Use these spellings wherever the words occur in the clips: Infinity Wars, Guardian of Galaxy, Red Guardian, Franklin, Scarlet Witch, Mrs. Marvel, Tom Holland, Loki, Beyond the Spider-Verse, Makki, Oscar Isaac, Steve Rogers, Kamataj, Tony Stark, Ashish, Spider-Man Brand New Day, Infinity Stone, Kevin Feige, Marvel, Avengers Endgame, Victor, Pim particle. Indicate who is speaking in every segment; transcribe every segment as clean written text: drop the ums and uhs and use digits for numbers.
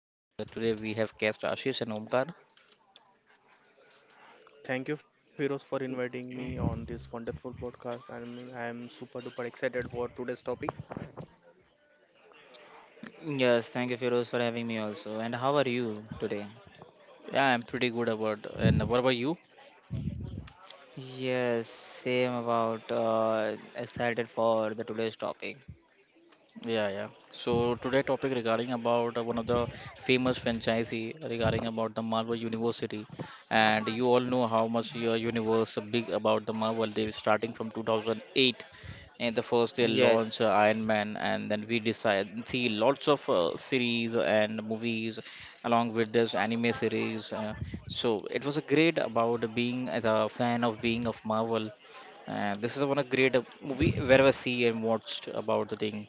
Speaker 1: And today we have guest Ashish and Omkar.
Speaker 2: Thank you, Firoz, for inviting me on this wonderful podcast. I'm super duper excited for today's topic.
Speaker 3: Yes, thank you, Firoz, for having me also. And how are you today?
Speaker 1: Yeah, I'm pretty good about. And what about you?
Speaker 3: Yes, same about excited for the today's topic.
Speaker 1: Yeah, yeah. So today topic regarding about one of the famous franchisee regarding about the Marvel University, and you all know how much your universe big about the Marvel. They were starting from 2008, and the first they launch
Speaker 3: Yes,
Speaker 1: Iron Man, and then we decide see lots of series and movies along with this anime series. So it was a great about being as a fan of being of Marvel. And this is one of great movie where I see and watched about the thing.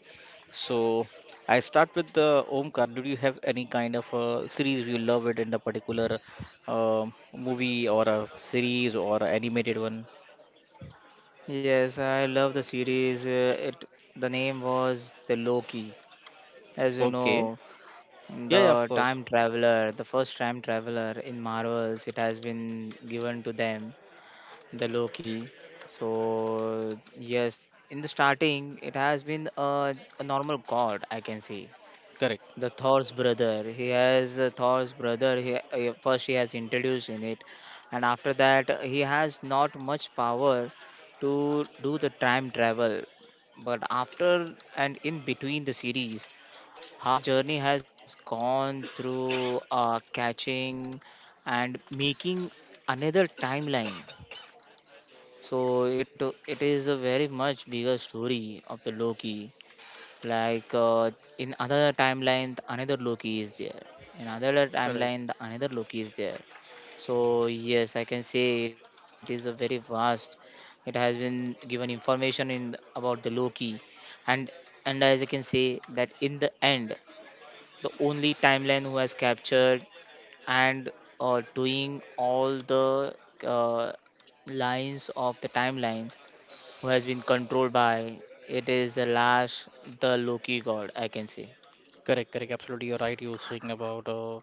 Speaker 1: So I start with the Omkar. Did you have any kind of a series you love it in the particular movie or a series or a animated one?
Speaker 3: yes, I love the series. It The name was the Loki, as you
Speaker 1: Okay.
Speaker 3: know,
Speaker 1: Yeah, yeah, of
Speaker 3: the
Speaker 1: course.
Speaker 3: time traveler, the first time traveler in Marvels. It has been given to them, the Loki. So yes, in the starting, it has been a normal god, I can say.
Speaker 1: Correct.
Speaker 3: The Thor's brother. He has a Thor's brother. First he has introduced in it, and after that he has not much power to do the time travel. But after and in between the series, how the journey has gone through catching and making another timeline. So it is a very much bigger story of the Loki like uh, in other timeline the another loki is there, in another timeline the
Speaker 2: Correct,
Speaker 3: another loki is there. So yes, I can say it is a very vast, it has been given information in about the loki, and as I can say that in the end, the only timeline who has captured and doing all the uh, lines of the timeline who has been controlled by it is the last the Loki god, I can say.
Speaker 1: Correct, correct. Absolutely, you're right. You were saying about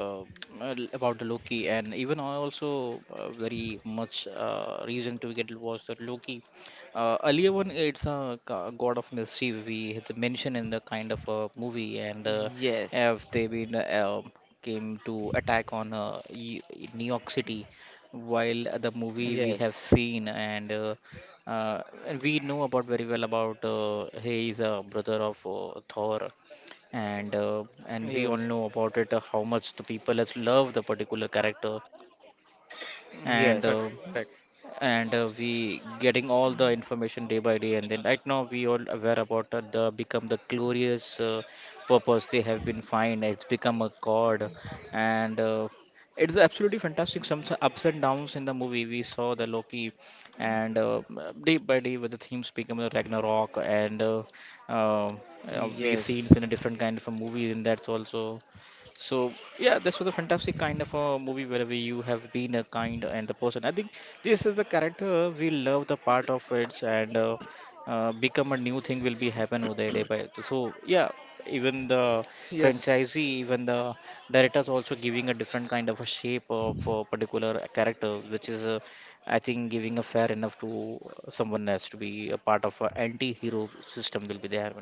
Speaker 1: uh, about the Loki, and even I also very much reason to get was that Loki. Earlier one, it's a god of mischief. We had mentioned in the kind of a movie, and
Speaker 3: Yes,
Speaker 1: have they been came to attack on New York City, while the movie we
Speaker 3: yes,
Speaker 1: have seen and. And we know about very well about he is a brother of Thor and we all
Speaker 3: yes,
Speaker 1: know about it how much the people has love the particular character and
Speaker 3: yes,
Speaker 1: uh,
Speaker 2: correct.
Speaker 1: and we getting all the information day by day and then right now we all aware about the become the glorious purpose they have been find it's become a god and it's absolutely fantastic some ups and downs in the movie we saw the Loki and day by day with the themes become the Ragnarok and uh, we seen in
Speaker 3: yes,
Speaker 1: a
Speaker 3: yes,
Speaker 1: different kind of a movie and that's also so yeah, this was a fantastic kind of a movie wherever you have been a kind and the person. I think this is the character we love the part of it and become a new thing will be happen over there day by. So yeah, even the
Speaker 2: Yes,
Speaker 1: franchisee, even the directors also giving a different kind of a shape of a particular character, which is I think giving a fair enough to someone else to be a part of a anti-hero system will be there.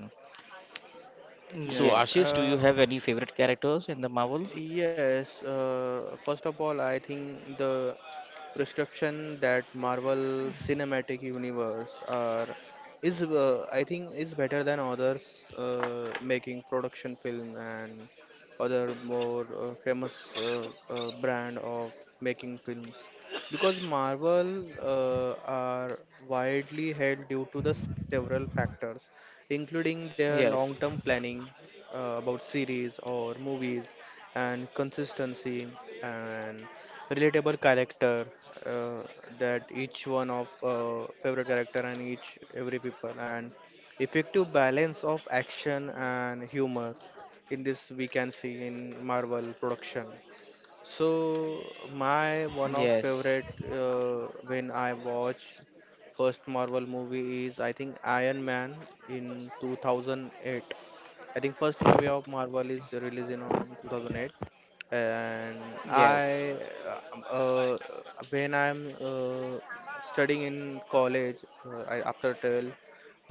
Speaker 1: So
Speaker 3: yes,
Speaker 2: yes,
Speaker 1: Ashish, do you have any favorite characters in the Marvel?
Speaker 2: yes. First of all, I think the prescription that Marvel Cinematic Universe are is I think is better than others making production film and other more famous brand of making films because Marvel are widely held due to the several factors including their long-term
Speaker 3: yes,
Speaker 2: planning about series or movies, and consistency and relatable character, uh, that each one of favorite character and each every people, and effective balance of action and humor in this we can see in Marvel production. So my one of favorite, when I watch first Marvel movie is I think Iron Man in 2008. I think first movie of Marvel is released in on 2008. And
Speaker 3: yes,
Speaker 2: I uh, uh, when I'm studying in college, I, after till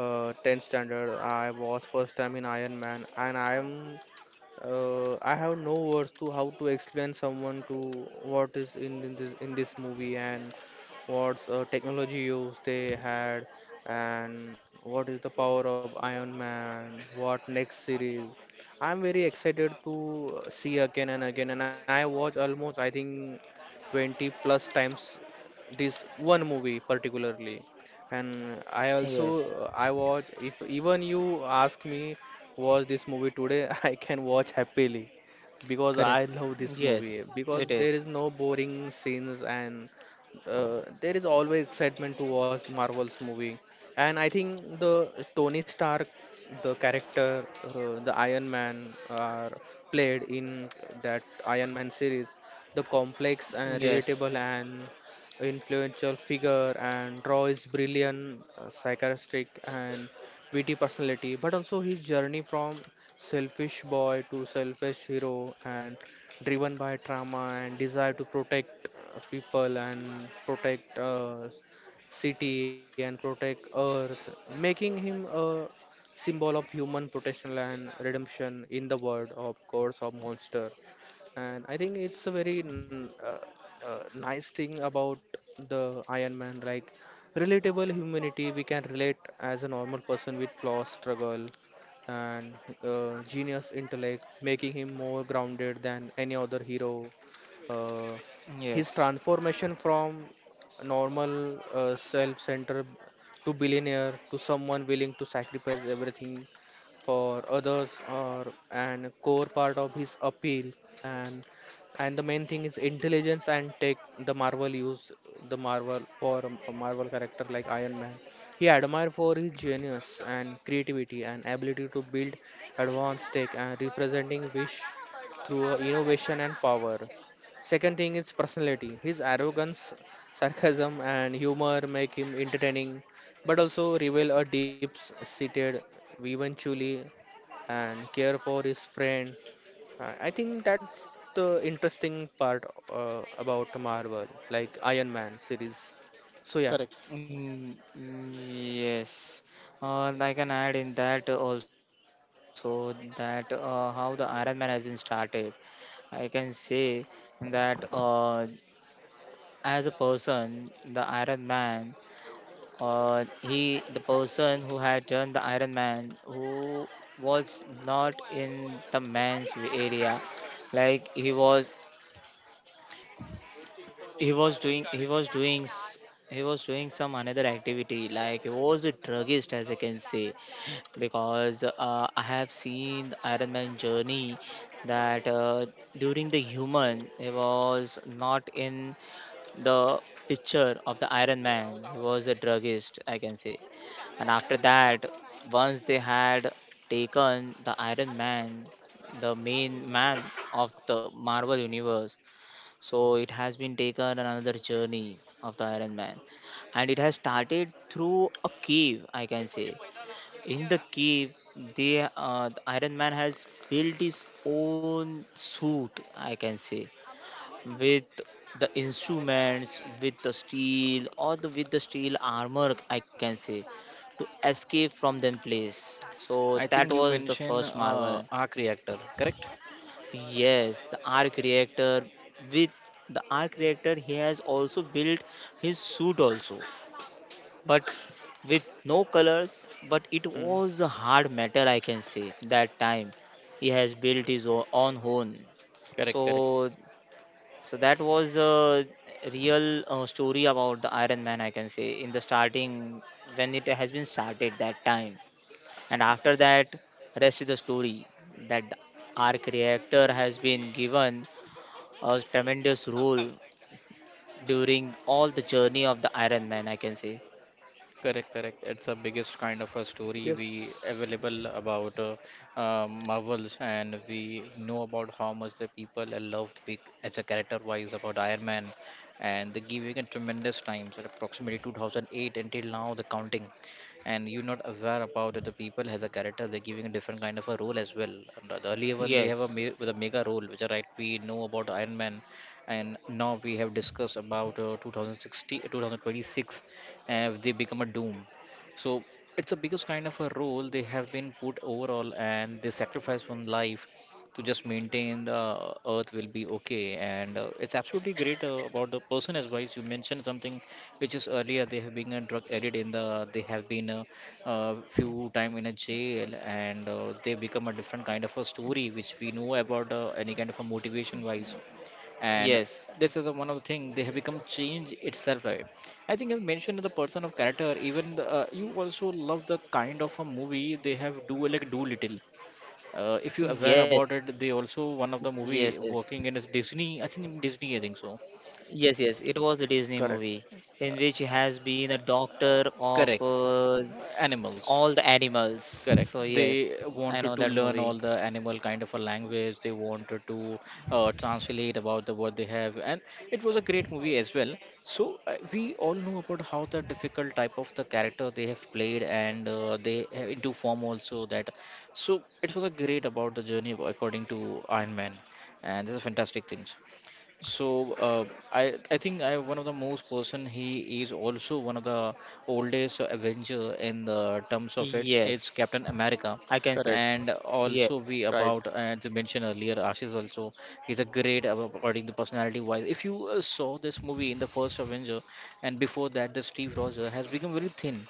Speaker 2: 10th standard I was first time in Iron Man, and I have no words to how to explain someone to what is in this in this movie, and what's technology use they had, and what is the power of Iron Man. What next series? I'm very excited to see again and again, and I watch almost I think 20 plus times this one movie particularly. And I also,
Speaker 3: yes,
Speaker 2: I watch if even you ask me watch this movie today, I can watch happily, because I
Speaker 1: Correct.
Speaker 2: love this
Speaker 3: yes,
Speaker 2: movie
Speaker 3: it
Speaker 2: because
Speaker 3: is.
Speaker 2: there is no boring scenes, and there is always excitement to watch Marvel's movie. And I think the Tony Stark, the character, the Iron Man are played in that Iron Man series, the complex and
Speaker 3: Yes,
Speaker 2: relatable and influential figure, and draw his brilliant sarcastic and witty personality, but also his journey from selfish boy to selfish hero, and driven by trauma and desire to protect people and protect city and protect earth, making him a symbol of human protection and redemption in the world of course of monster. And I think it's a very nice thing about the Iron Man, like relatable humanity. We can relate as a normal person with flaws, struggle, and genius intellect, making him more grounded than any other hero. Uh, his
Speaker 3: yes,
Speaker 2: transformation from normal self-centered to billionaire to someone willing to sacrifice everything for others, or and core part of his appeal. And the main thing is intelligence and tech. The Marvel use the Marvel for a Marvel character like Iron Man. He admired for his genius and creativity and ability to build advanced tech, and representing wish through innovation and power. Second thing is personality. His arrogance, sarcasm and humor make him entertaining, but also reveal a deep seated eventually and care for his friend. I think that's the interesting part about Marvel, like Iron Man series. So yeah,
Speaker 1: Correct.
Speaker 3: mm, yes. I can add in that also that how the Iron Man has been started. I can say that. As a person, the Iron Man, or he, the person who had done the Iron Man, who was not in the man's area, like he was, he was doing, he was doing some another activity, like he was a druggist, as I can say, because I have seen the Iron Man journey that during the human, he was not in the picture of the Iron Man. He was a druggist, I can say. And after that, once they had taken the Iron Man, the main man of the Marvel universe, so it has been taken on another journey of the Iron Man, and it has started through a cave, I can say. In the cave, the Iron Man has built his own suit, I can say, with the instruments, with the steel, or the with the steel armor, I can say, to escape from them place. So
Speaker 1: I
Speaker 3: that
Speaker 1: think you
Speaker 3: was the
Speaker 1: mentioned
Speaker 3: first Marvel.
Speaker 1: arc reactor, correct?
Speaker 3: Yes, the arc reactor, with the arc reactor he has also built his suit also, but with no
Speaker 2: mm.
Speaker 3: colors, but it was a hard metal, I can say that time. He has built his own home. So
Speaker 1: Correct. Correct.
Speaker 3: so that was a real story about the Iron Man, I can say, in the starting when it has been started that time, and after that, rest is the story that the arc reactor has been given a tremendous role during all the journey of the Iron Man, I can say.
Speaker 1: Correct, correct. It's the biggest kind of a
Speaker 2: Yes,
Speaker 1: story we available about Marvels, and we know about how much the people loved big as a character-wise about Iron Man, and they giving it tremendous times at approximately 2008 until now the counting, and you're not aware about it. The people has a character they're giving a different kind of a role as well. And the earlier one they have a
Speaker 3: Yes,
Speaker 1: me with a mega role, which are right we know about Iron Man, and now we have discussed about 2016, they become a doom so it's the biggest kind of a role they have been put overall and they sacrifice one life to just maintain the earth will be okay and it's absolutely great about the person as wise you mentioned something which is earlier they have been a drug addict in the they have been a, few time in a jail and they become a different kind of a story which we know about any kind of a motivation wise and
Speaker 3: yes,
Speaker 1: this is a, one of the things they have become change itself, right? I think I've mentioned the person of character even the, you also love the kind of a movie they have do like do little. If you aware
Speaker 3: yes,
Speaker 1: about it they also one of the
Speaker 3: yes,
Speaker 1: movie
Speaker 3: yes,
Speaker 1: working in is Disney, I think in Disney I think so.
Speaker 3: yes, yes. It was the Disney
Speaker 2: correct,
Speaker 3: movie in which he has been a doctor of
Speaker 1: Correct. Animals.
Speaker 3: all the animals.
Speaker 1: Correct,
Speaker 3: So
Speaker 1: they
Speaker 3: yes, I
Speaker 1: wanted
Speaker 3: know
Speaker 1: to
Speaker 3: that
Speaker 1: learn
Speaker 3: movie.
Speaker 1: all the animal kind of a language, they wanted to translate about the what they have and it was a great movie as well. So we all know about how the difficult type of the character they have played and they have into form also that. So it was a great about the journey according to Iron Man and this is fantastic things. So uh, I think I one of the most person he is also one of the oldest Avenger in the terms of it. It's
Speaker 3: Yes,
Speaker 1: Captain America,
Speaker 3: I
Speaker 2: correct,
Speaker 3: can say,
Speaker 1: and
Speaker 3: yes,
Speaker 1: also
Speaker 2: right,
Speaker 1: we about as I mentioned earlier, Ashish also he's a great according the personality wise. If you saw this movie in the first Avenger, and before that the Steve Rogers has become very thin.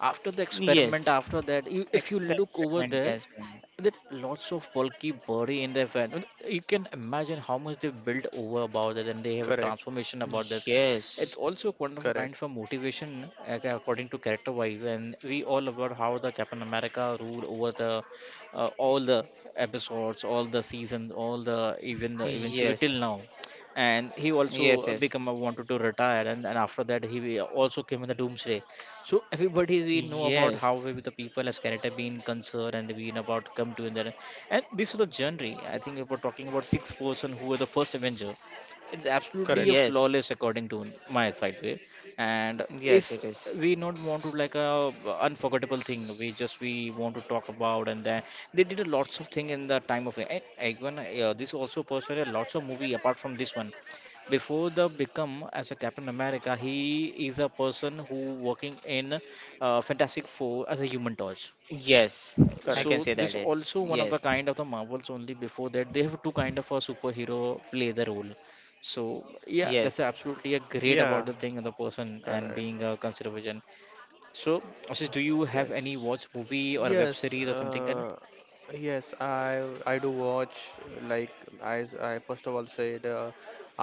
Speaker 1: After the
Speaker 3: yes.
Speaker 1: experiment, after that, you, if you
Speaker 3: The
Speaker 1: look over
Speaker 3: experiment it
Speaker 1: there,
Speaker 3: has been.
Speaker 1: that lots of bulky body in the event. And you can imagine how much they've built over about that, and they have a
Speaker 2: correct,
Speaker 1: transformation about this.
Speaker 3: Yes,
Speaker 1: It's also
Speaker 2: correct,
Speaker 1: kind of a motivation according to character wise, and we all about how the Captain America ruled over the all the episodes, all the seasons, all the even eventually
Speaker 3: yes,
Speaker 1: till now. And he
Speaker 3: yes,
Speaker 1: also
Speaker 3: yes,
Speaker 1: become a, wanted to retire, and after that he also came in the Doomsday so everybody we know about how
Speaker 3: yes,
Speaker 1: we the people as character being concerned and being about come to in there. And this is the journey. I think if we're talking about six-person who were the first Avenger, it's absolutely
Speaker 2: correct,
Speaker 1: a
Speaker 3: yes,
Speaker 1: flawless according to my side way. And
Speaker 3: yes.
Speaker 1: is
Speaker 3: It is.
Speaker 1: we not want to like a unforgettable thing. We just we want to talk about and then they did a lots of thing in the time of and even this also personally lots of movie apart from this one before the become as a Captain America, he is a person who working in Fantastic Four as a Human Torch.
Speaker 3: Yes,
Speaker 1: Uh,
Speaker 2: correct.
Speaker 3: I
Speaker 1: So
Speaker 3: can say that
Speaker 1: this
Speaker 3: it.
Speaker 1: also one of the
Speaker 3: Yes,
Speaker 1: kind of the Marvels only. Before that, they have two kind of a superhero play the role. So yeah,
Speaker 3: yes,
Speaker 1: that's absolutely a great about
Speaker 2: Yeah,
Speaker 1: the thing and the person and
Speaker 2: correct.
Speaker 1: being a conservation. So Ashish, do you have
Speaker 2: Yes.
Speaker 1: any watch movie or a web
Speaker 2: Yes,
Speaker 1: series or something? Can
Speaker 2: yes, I do watch, like I first of all say the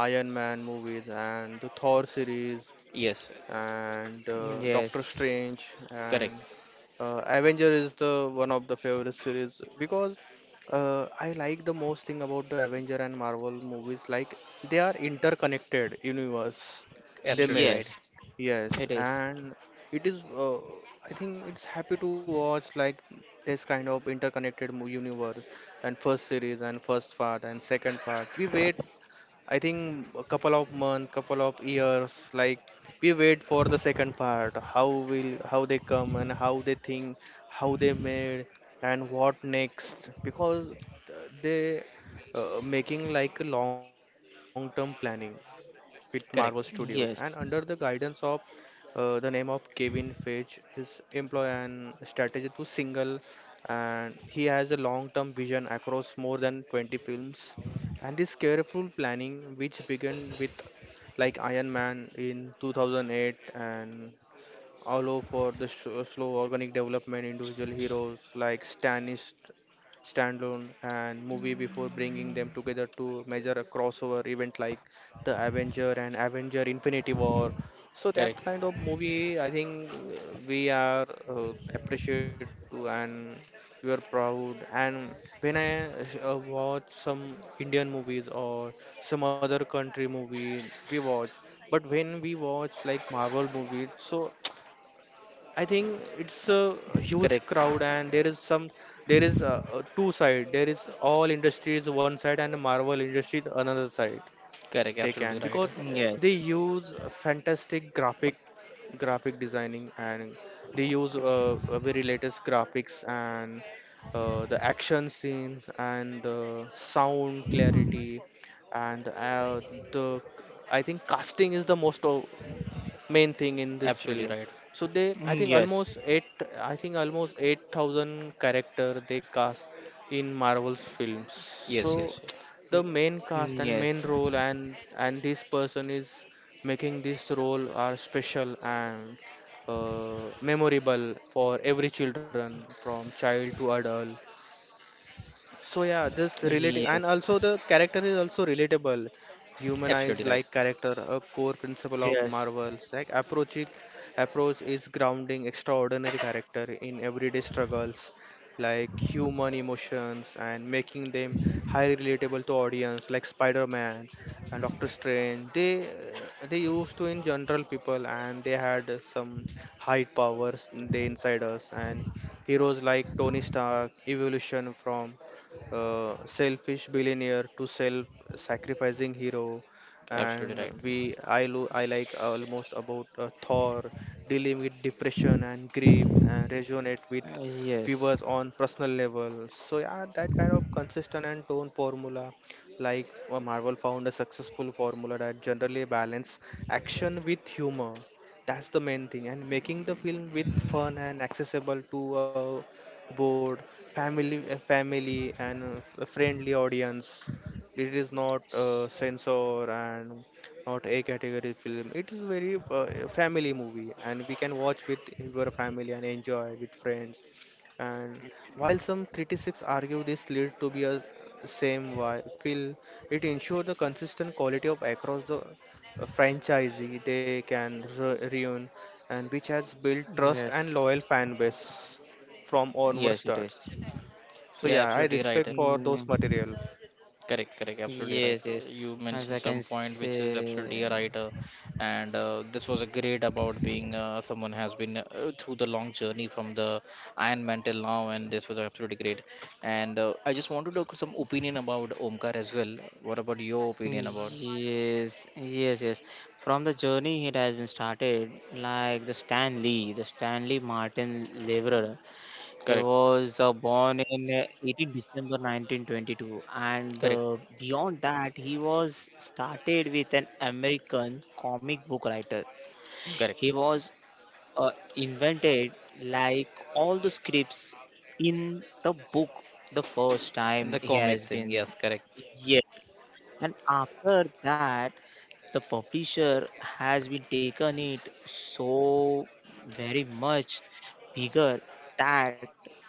Speaker 2: Iron Man movies and the Thor series,
Speaker 1: yes,
Speaker 2: and Doctor
Speaker 3: yes,
Speaker 2: Strange, and
Speaker 1: correct,
Speaker 2: Avenger is the one of the favorite series, because I like the most thing about the Avenger and Marvel movies, like they are interconnected universe they
Speaker 1: absolutely
Speaker 2: made.
Speaker 1: right,
Speaker 3: yes.
Speaker 2: Yes,
Speaker 3: It is.
Speaker 2: and it is. I think it's happy to watch like this kind of interconnected universe, and first series and first part and second part. We wait. I think a couple of months, couple of years. Like we wait for the second part. How will how they come and how they think, how they made, and what next? Because they, making like a long-term planning with Marvel Studios
Speaker 1: correct,
Speaker 2: and under
Speaker 3: Yes,
Speaker 2: the guidance of the name of Kevin Feige, his employ and strategy to single, and he has a long-term vision across more than 20 films. And this careful planning, which began with like Iron Man in 2008, and allow for the slow organic development individual heroes like Stannis standalone and movie before bringing them together to measure a crossover event like the Avenger and Avenger Infinity War. So
Speaker 1: correct,
Speaker 2: that kind of movie, I think, we are appreciate to, and we are proud. And when I watch some Indian movies or some other country movie, we watch. But when we watch like Marvel movies, so I think it's a huge
Speaker 1: correct,
Speaker 2: crowd, and there is some, there is two side. There is all industries one side and Marvel industry the another side.
Speaker 1: correct,
Speaker 2: They
Speaker 1: absolutely
Speaker 2: can
Speaker 1: right,
Speaker 2: because
Speaker 3: yes,
Speaker 2: they use fantastic graphic designing, and they use very latest graphics, and the action scenes and the sound clarity, and the I think casting is the most of main thing in this
Speaker 1: absolutely
Speaker 2: film.
Speaker 1: right.
Speaker 2: So they, I
Speaker 3: yes,
Speaker 2: think
Speaker 3: yes,
Speaker 2: almost 8,000 character they cast in Marvel's films. So
Speaker 1: Yes, yes, yeah.
Speaker 2: the main cast and
Speaker 3: yes,
Speaker 2: main role, and this person is making this role are special and memorable for every children from child to adult. So yeah, this relative
Speaker 3: yes,
Speaker 2: and also the character is also relatable. Humanized
Speaker 1: Absolutely right.
Speaker 2: like character, a core principle of
Speaker 3: yes,
Speaker 2: Marvel's like approach is grounding extraordinary character in everyday struggles like human emotions and making them highly relatable to audience, like Spider-Man and Doctor Strange. They used to in general people and they had some high powers they inside us, and heroes like Tony Stark, evolution from selfish billionaire to self-sacrificing hero,
Speaker 1: Absolutely
Speaker 2: and
Speaker 1: right.
Speaker 2: we I like almost about Thor dealing with depression and grief and resonate with
Speaker 3: yes,
Speaker 2: viewers on personal level. So yeah, that kind of consistent and tone formula, like Marvel found a successful formula that generally balance action with humor. That's the main thing, and making the film with fun and accessible to a board, family, family, and a friendly audience. It is not censor and not a category film. It is very a family movie, and we can watch with your family and enjoy with friends. And while some critics argue this lead to be a same why will it ensure the consistent quality of across the franchisee they can reun, and which has built trust and
Speaker 3: Yes,
Speaker 2: loyal fan base from onward
Speaker 3: yes, it is.
Speaker 2: starts. So
Speaker 1: Yeah,
Speaker 2: yeah, I
Speaker 1: absolutely right.
Speaker 2: respect for those
Speaker 3: Mm,
Speaker 2: material.
Speaker 1: Correct, correct. Absolutely right.
Speaker 3: yes, yes.
Speaker 1: You mentioned
Speaker 3: As I
Speaker 1: some
Speaker 3: can
Speaker 1: point which is absolutely
Speaker 3: say,
Speaker 1: right, and this was a great about being someone has been through the long journey from the Iron Man till now, and this was absolutely great. And I just want to talk some opinion about Omkar as well. What about your opinion about?
Speaker 3: yes, yes, yes. From the journey it has been started, like the Stanley Martin Leverer. He
Speaker 1: Correct,
Speaker 3: was born in 18 December 1922, and
Speaker 1: correct,
Speaker 3: beyond that, he was started with an American comic book writer.
Speaker 1: correct.
Speaker 3: He was invented like all the scripts in the book the first
Speaker 1: And
Speaker 3: time
Speaker 1: the
Speaker 3: he
Speaker 1: comic
Speaker 3: has
Speaker 1: thing,
Speaker 3: been.
Speaker 1: yes, correct.
Speaker 3: Yeah, and after that the publisher has been taken it so very much bigger that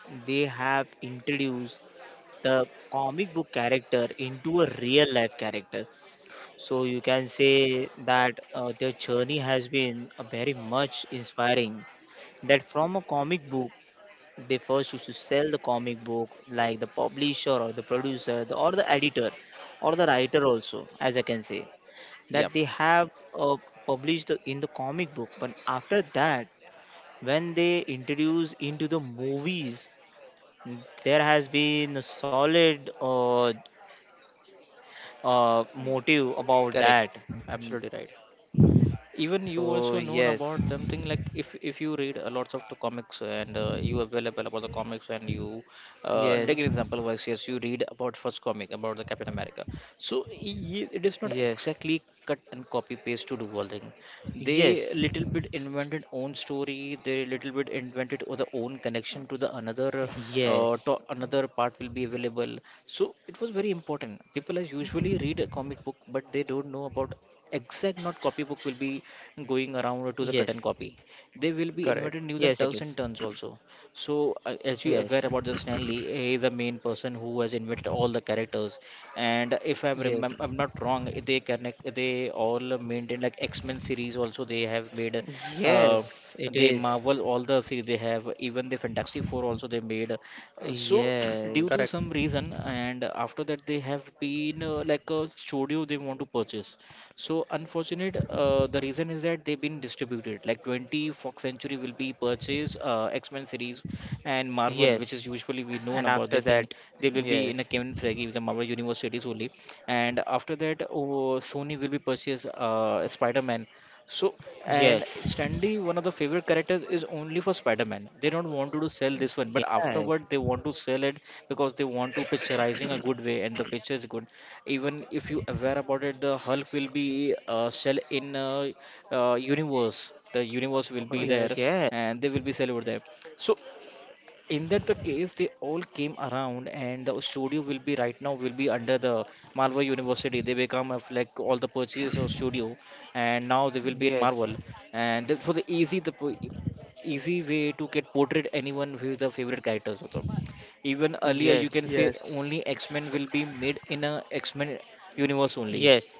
Speaker 3: they have introduced the comic book character into a real life character. So you can say that their journey has been very much inspiring. That from a comic book, they first used to sell the comic book, like the publisher or the producer or the editor or the writer also, as I can say, that
Speaker 1: Yep,
Speaker 3: they have uh, in the comic book. But after that, when they introduce into the movies, there has been a solid motive about
Speaker 1: correct.
Speaker 3: that.
Speaker 1: Absolutely right. Even you
Speaker 3: So
Speaker 1: also known
Speaker 3: yes,
Speaker 1: about them thing like if you read a lots of the comics and you available about the comics and you
Speaker 2: Hmm.
Speaker 1: take
Speaker 3: yes,
Speaker 1: an example wise, yes, you read about first comic about the Captain America, so it is not
Speaker 3: yes,
Speaker 1: exactly cut and copy paste to do all thing.
Speaker 3: yes,
Speaker 1: They little bit invented own story, they little bit invented the own connection to the another
Speaker 3: yes,
Speaker 1: to another part will be available. So it was very important people as usually read a comic book but they don't know about exact not copybook will be going around to the
Speaker 3: yes,
Speaker 1: cut and copy. They will be invented
Speaker 2: Correct.
Speaker 1: new
Speaker 3: yes,
Speaker 1: than
Speaker 3: it
Speaker 1: turks
Speaker 3: is.
Speaker 1: and turns also. So as you
Speaker 3: Yes,
Speaker 1: aware about the Stanley, he is the main person who has invented all the characters and if i'm
Speaker 3: yes,
Speaker 1: remem-
Speaker 3: yes,
Speaker 1: i'm not wrong they connect they all maintain like X-Men series also they have made, uh,
Speaker 3: it
Speaker 1: they
Speaker 3: is.
Speaker 1: Marvel all the series they have, even the Fantastic Four also they made. So
Speaker 2: Correct.
Speaker 1: due to
Speaker 3: Yes,
Speaker 1: some reason and after that they have been like a studio they want to purchase. So unfortunate, the reason is that they've been distributed. Like 20 Fox Century will be purchased, X-Men series and Marvel, which
Speaker 3: yes,
Speaker 1: is usually we known
Speaker 3: and
Speaker 1: about
Speaker 3: after
Speaker 1: this thing.
Speaker 3: that,
Speaker 1: They will be in a
Speaker 3: yes,
Speaker 1: Kevin Feige with the Marvel Universe series only. And after that, oh, Sony will be purchased Spider-Man. So and
Speaker 3: yes,
Speaker 1: Stanley, one of the favorite characters is only for Spider-Man. They don't want to do sell this one, but
Speaker 3: yes,
Speaker 1: afterward they want to sell it because they want to picturizing a good way and the picture is good even if you aware about it the hulk will be sell in universe, the universe will
Speaker 2: Oh,
Speaker 3: oh,
Speaker 1: be there
Speaker 2: yes.
Speaker 3: yes,
Speaker 1: and they will be sell over there so in that the case they all came around and the studio will be right now will be under the marvel university. They become of like all the purchase of studio and now they will be in
Speaker 3: yes,
Speaker 1: marvel and that for the easy the easy way to get portrayed anyone with the favorite characters of them. Even earlier you
Speaker 3: yes,
Speaker 1: can say
Speaker 2: Yes.
Speaker 1: only x-men will be made in a x-men universe only.
Speaker 3: yes,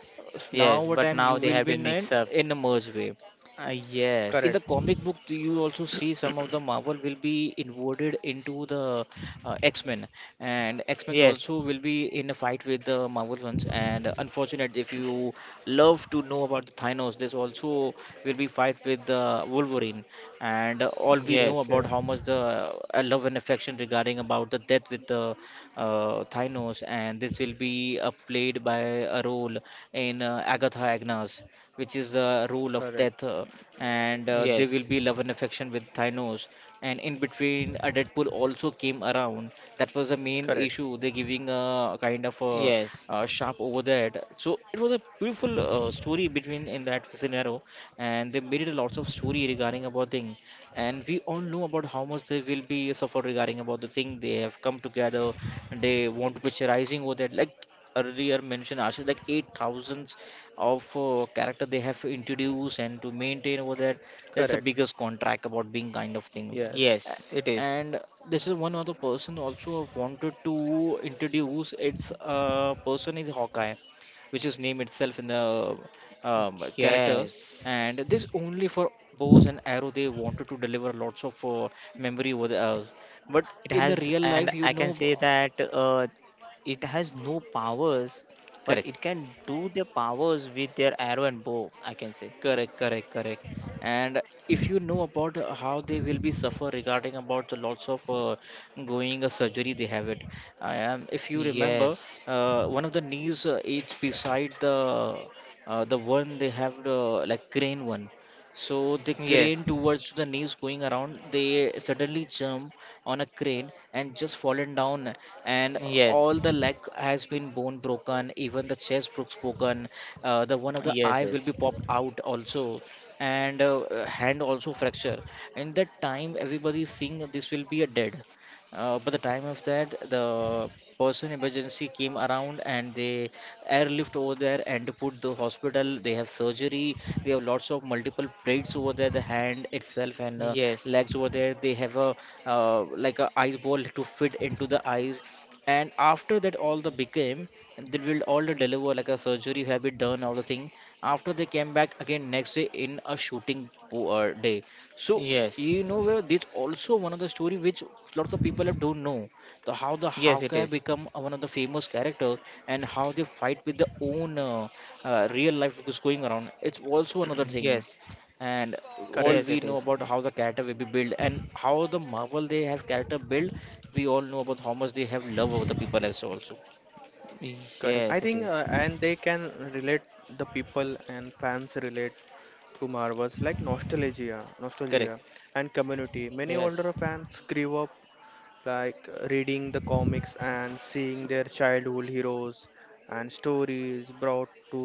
Speaker 1: Now
Speaker 3: yes.
Speaker 1: what
Speaker 3: But
Speaker 1: time you
Speaker 3: now they
Speaker 1: will
Speaker 3: have
Speaker 1: be
Speaker 3: been
Speaker 1: in
Speaker 3: mixed up.
Speaker 1: in a merge way
Speaker 2: Correct.
Speaker 1: in the
Speaker 3: Yes,
Speaker 1: comic book, do you also see some of the marvel will be inverted into the x-men, and x-men
Speaker 3: yes,
Speaker 1: also will be in a fight with the marvel ones. And unfortunate if you love to know about the thanos, this also will be fight with the wolverine. And all we know
Speaker 3: yes,
Speaker 2: Okay.
Speaker 1: about how much the love and affection regarding about the death with the thanos, and this will be played by a role in agatha agnes, which is the rule of
Speaker 2: Correct.
Speaker 1: death, and they will
Speaker 3: yes,
Speaker 1: be love and affection with Thanos. And in between, Deadpool also came around. That was the main
Speaker 2: Correct.
Speaker 1: issue. They're giving a kind of a,
Speaker 3: yes,
Speaker 1: sharp over that. So it was a beautiful story between in that scenario, and they made it a lots of story regarding about thing. And we all know about how much they will be suffer regarding about the thing. They have come together and they want to be rising over that. Like earlier mentioned, Ashish, like eight thousands of character they have introduced and to maintain over that,
Speaker 2: Correct.
Speaker 1: that's the biggest contract about being kind of thing.
Speaker 2: Yes.
Speaker 1: A-
Speaker 3: yes. It
Speaker 1: and
Speaker 3: is.
Speaker 1: this is one other person also I wanted to introduce, its person is hawkeye, which is name itself in the characters,
Speaker 3: Yes,
Speaker 1: and this only for bows and arrow they wanted to deliver lots of memory over the us. But
Speaker 3: it
Speaker 1: in the
Speaker 3: has,
Speaker 1: real life
Speaker 3: and
Speaker 1: you
Speaker 3: I
Speaker 1: know
Speaker 3: can say that it has no powers, but
Speaker 1: correct.
Speaker 3: it can do their powers with their arrow and bow, I can say.
Speaker 1: Correct, correct, correct. And if you know about how they will be suffer regarding about the lots of going surgery they have it. I am, if you remember,
Speaker 3: Yes,
Speaker 1: one of the knees is beside the one they have the like crane one. So the
Speaker 3: yes,
Speaker 1: crane towards the knees going around, they suddenly jump on a crane and just fallen down, and
Speaker 3: yes,
Speaker 1: all the leg has been bone broken, even the chest broken, the one of the
Speaker 3: yes,
Speaker 1: eye will
Speaker 3: yes,
Speaker 1: be popped out also, and hand also fracture. In that time, everybody is seeing this will be a dead. By the time of that, the person emergency came around and they airlift over there and put the hospital. They have surgery. They have lots of multiple plates over there, the hand itself and
Speaker 3: yes,
Speaker 1: legs over there. They have a like a ice ball to fit into the eyes. And after that, all the became they will all the deliver like a surgery have been done all the thing. After they came back again next day in a shooting day. So
Speaker 3: yes,
Speaker 1: you know where this also one of the story which lots of people have don't know the how the
Speaker 3: yes, it
Speaker 1: Hawkeye
Speaker 3: is.
Speaker 1: become a one of the famous character and how they fight with their own real life is going around. It's also another thing,
Speaker 3: Yes,
Speaker 1: and all
Speaker 2: Correct.
Speaker 3: yes,
Speaker 1: we
Speaker 3: it
Speaker 1: know
Speaker 3: is.
Speaker 1: about how the character will be built and how the Marvel they have character build. We all know about how much they have love over the people as also.
Speaker 2: Correct. I
Speaker 3: Yes,
Speaker 2: think
Speaker 3: it is.
Speaker 2: and they can relate the people and fans relate through Marvels, like
Speaker 1: Correct.
Speaker 2: nostalgia and community. Many
Speaker 3: Yes,
Speaker 2: older fans grew up like reading the comics and seeing their childhood heroes, and stories brought to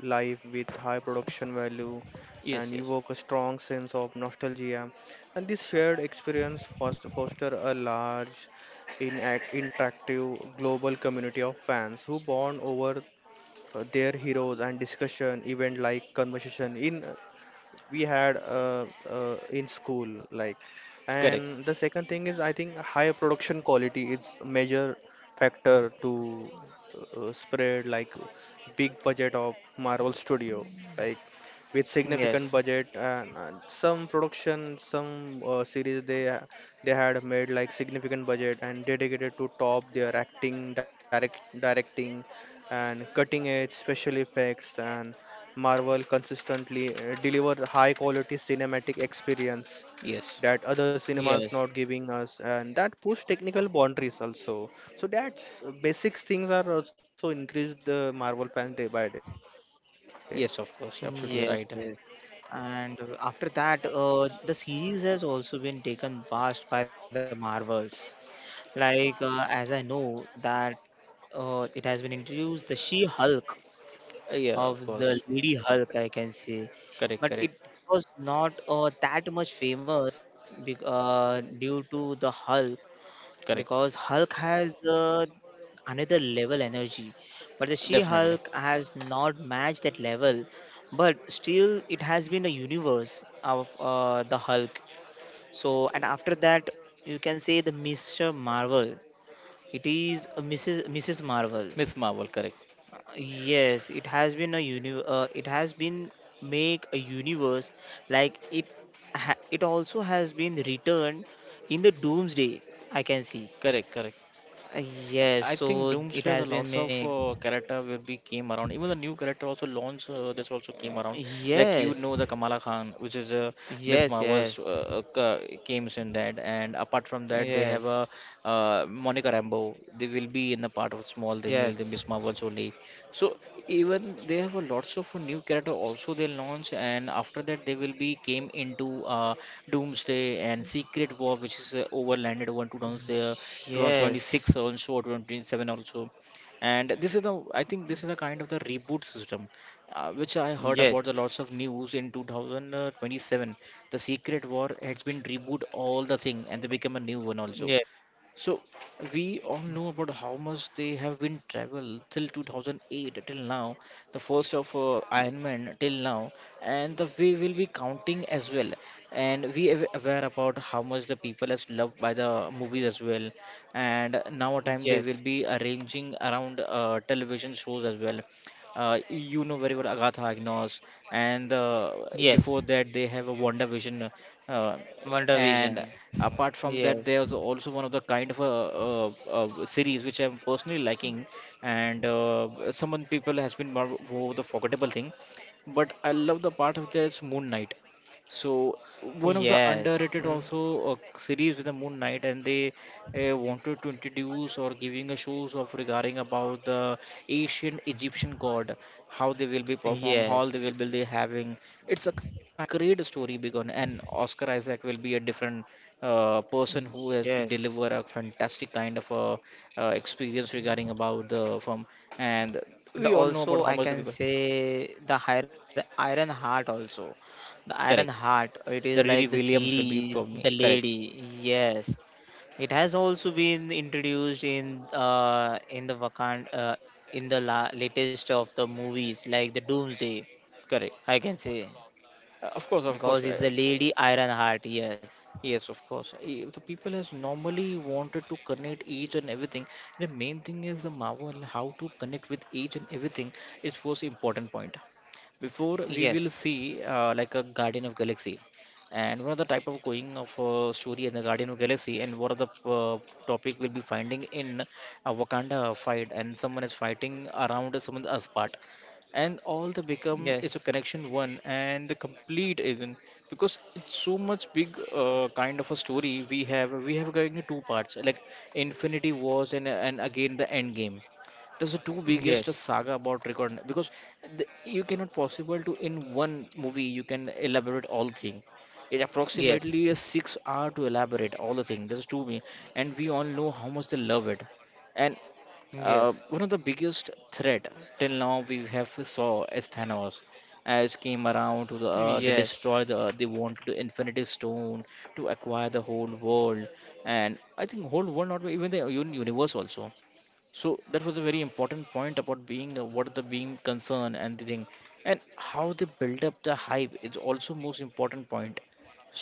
Speaker 2: life with high production value
Speaker 1: Yes,
Speaker 2: and
Speaker 1: yes.
Speaker 2: evoke a strong sense of nostalgia. And this shared experience foster a large, interactive global community of fans who bond over their heroes and discussion event like conversation in we had in school like.
Speaker 1: Correct.
Speaker 2: And the second thing is I think high production quality is a major factor to spread like big budget of Marvel Studio, like with
Speaker 3: yes,
Speaker 2: significant budget and some production some series they had made like significant budget and dedicated to top their acting directing and cutting edge special effects, and Marvel consistently deliver high quality cinematic experience
Speaker 1: Yes.
Speaker 2: that other cinemas
Speaker 3: yes,
Speaker 2: not giving us, and that push technical boundaries also. So that's basics things are also increased the Marvel fans day by day.
Speaker 1: Yes, of course.
Speaker 3: yes,
Speaker 1: Absolutely
Speaker 3: yes.
Speaker 1: right.
Speaker 3: And after that, the series has also been taken past by the Marvels. Like, as I know that it has been introduced the She-Hulk
Speaker 1: Yeah, of
Speaker 3: of the
Speaker 1: course.
Speaker 3: Lady Hulk, I can say.
Speaker 1: Correct,
Speaker 3: But
Speaker 1: correct,
Speaker 3: it was not that much famous due to the Hulk,
Speaker 1: correct.
Speaker 3: because Hulk has another level energy, but the
Speaker 1: Definitely.
Speaker 3: She-Hulk has not matched that level. But still, it has been a universe of the Hulk. So, and after that, you can say the Mr. Marvel. It is a Mrs. Marvel.
Speaker 1: Miss Marvel, correct.
Speaker 3: Yes, it has been a it has been make a universe like it it also has been returned in the doomsday, I can see.
Speaker 1: Correct, correct.
Speaker 3: Yes,
Speaker 1: I think
Speaker 3: so it
Speaker 1: Doomsday has a
Speaker 3: has been
Speaker 1: lots of
Speaker 3: made.
Speaker 1: character will be came around. Even the new character also launched. This also came around. Like you
Speaker 3: Yes,
Speaker 1: know the Kamala Khan, which is Ms.
Speaker 3: yes,
Speaker 1: Marvel's
Speaker 3: yes,
Speaker 1: came in that. And apart from that, they have
Speaker 3: yes,
Speaker 1: a Monica Rambeau. They will be in the part of small thing.
Speaker 3: yes,
Speaker 1: Will The Ms. Marvel's only. So even they have a lots of new character also they launch. And after that, they will be came into Doomsday and Secret War, which is overlanded over 2000. 2026
Speaker 3: yes,
Speaker 1: also or 2027 also, and this is the I think this is a kind of the reboot system, which I heard about the
Speaker 3: yes,
Speaker 1: lots of news in 2027. The secret war has been reboot all the thing and they become a new one also.
Speaker 3: yes,
Speaker 1: So we all know about how much they have been travel till 2008 till now, the first of Iron Man till now, and the we will be counting as well. And we are aware about how much the people is loved by the movies as well. And now a time
Speaker 3: yes,
Speaker 1: they will be arranging around television shows as well. You know very well Agatha Agnos, and
Speaker 3: yes.
Speaker 1: before that they have a Wonder Vision, uh,
Speaker 3: Wonder Vision.
Speaker 1: and apart
Speaker 3: Yes,
Speaker 1: from that there's also one of the kind of a, uh series which I'm personally liking, and someone people has been more over the forgettable thing, but I love the part of this moon knight. So one of the
Speaker 2: Hmm.
Speaker 3: yes,
Speaker 1: underrated also series with the Moon Knight, and they wanted to introduce or giving a shows of regarding about the ancient Egyptian god, how they will be performed, how
Speaker 3: yes,
Speaker 1: they will be having. It's a kind of the story begun, and Oscar Isaac will be a different person who has
Speaker 3: yes.
Speaker 1: delivered a fantastic kind of a experience regarding about the film. And
Speaker 3: And
Speaker 1: we all know about
Speaker 3: also,
Speaker 1: how
Speaker 3: I
Speaker 1: much the
Speaker 3: can
Speaker 1: people
Speaker 3: say the Iron Heart also. The Iron
Speaker 1: correct.
Speaker 3: Heart, it is
Speaker 1: The
Speaker 3: like the
Speaker 1: Riri Williams will be
Speaker 3: series, the
Speaker 1: probably correct,
Speaker 3: lady. Yes, it has also been introduced in the Wakand in the latest of the movies like the Doomsday, I
Speaker 1: correct.
Speaker 3: can say,
Speaker 1: Of course, of
Speaker 3: because it's
Speaker 1: course.
Speaker 3: the Lady Ironheart. Yes,
Speaker 1: Yes, of course. The people has normally wanted to connect each and everything. The main thing is the Marvel, how to connect with each and everything is first important point. Before we
Speaker 3: yes,
Speaker 1: will see like a Guardian of Galaxy, and what are the type of going of story in the Guardian of Galaxy, and what are the uh, topic we'll be finding in a Wakanda fight, and someone is fighting around someone's Earth part, and all the become it's
Speaker 3: yes,
Speaker 1: a connection one and the complete isn't, because it's so much big kind of a story. We have going to two parts like infinity wars and again the end game. That's the two biggest
Speaker 3: yes,
Speaker 1: saga about record, because the, you cannot possible to in one movie you can elaborate all thing. It
Speaker 3: yes,
Speaker 1: approximately is 6 hours to elaborate all the thing, that's too me. And we all know how much they love it. And one of the biggest threat till now we have saw is Thanos, as came around to the Earth,
Speaker 3: yes,
Speaker 1: they destroy the Earth, they wanted the Infinity Stone to acquire the whole world, and I think whole world not even the universe also. So that was a very important point about being what the being concern and the thing, and how they build up the hype is also most important point.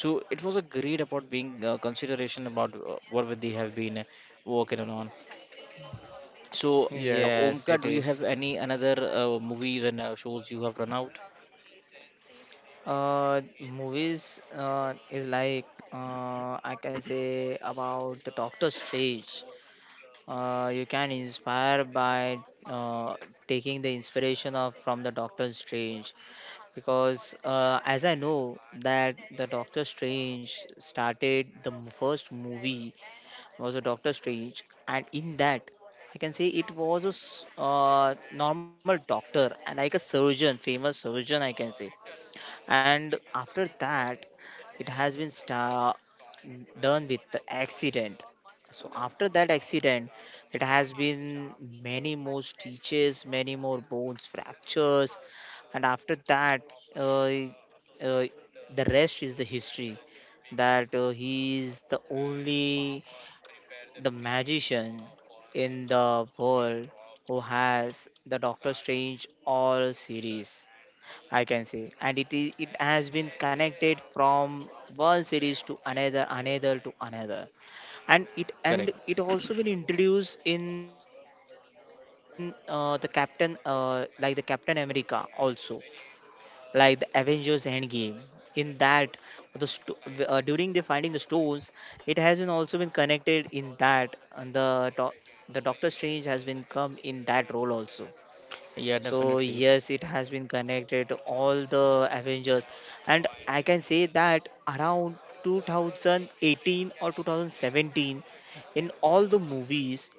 Speaker 1: So it was a great about being consideration about what would they have been working on. So,
Speaker 3: yes, yes.
Speaker 1: Omkar,
Speaker 2: Yes.
Speaker 3: It
Speaker 1: do you
Speaker 3: is.
Speaker 1: have any another movies and shows you have run out?
Speaker 3: Movies is like I can say about the Doctor Strange. You can inspire by taking the inspiration of from the Doctor Strange, because as I know that the Doctor Strange started the first movie was a Doctor Strange, and in that I can say it was a normal doctor and like a surgeon, famous surgeon, I can say, and after that it has been done with the accident. So after that accident, it has been many more stitches, many more bones fractures, and after that, uh, uh, the rest is the history, that he is the only the magician in the world who has the doctor strange all series, I can say, and it has been connected from one series to another, another to another, and
Speaker 1: Correct.
Speaker 3: it also been introduced in the Captain America also, like the Avengers Endgame. In that, the sto- during the finding the stones, it has been also been connected in that, and the Doctor Strange has been come in that role also.
Speaker 1: Yeah,
Speaker 3: So yes,
Speaker 1: definitely.
Speaker 3: it has been connected all the Avengers, and I can say that around 2018 or 2017, in all the movies,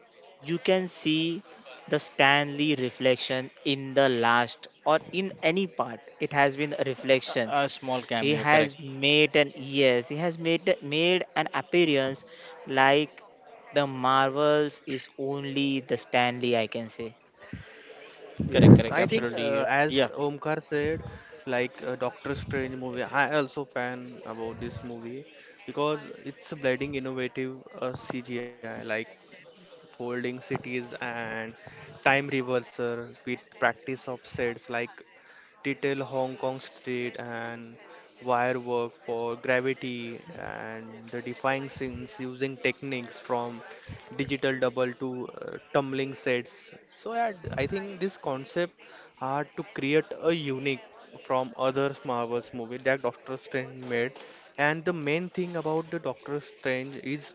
Speaker 3: you can see the Stanley reflection in the last or in any part. It has been a reflection.
Speaker 1: A small
Speaker 3: He
Speaker 1: cameo. Correct.
Speaker 3: has made an yes, he has made an appearance, like the Marvels is only the Stanley, I can say.
Speaker 1: Correct.
Speaker 2: Yes,
Speaker 1: Correct.
Speaker 2: I think
Speaker 1: Absolutely.
Speaker 2: as
Speaker 1: Yeah.
Speaker 2: Omkar said, like Doctor Strange movie, I also fan about this movie because it's a blending innovative CGI like folding cities and time reverser with practice of sets like detail Hong Kong street and wire work for gravity and the defying scenes using techniques from digital double to tumbling sets. So yeah, I think this concept are to create a unique from other Marvels movie that Doctor Strange made. And the main thing about the Doctor Strange is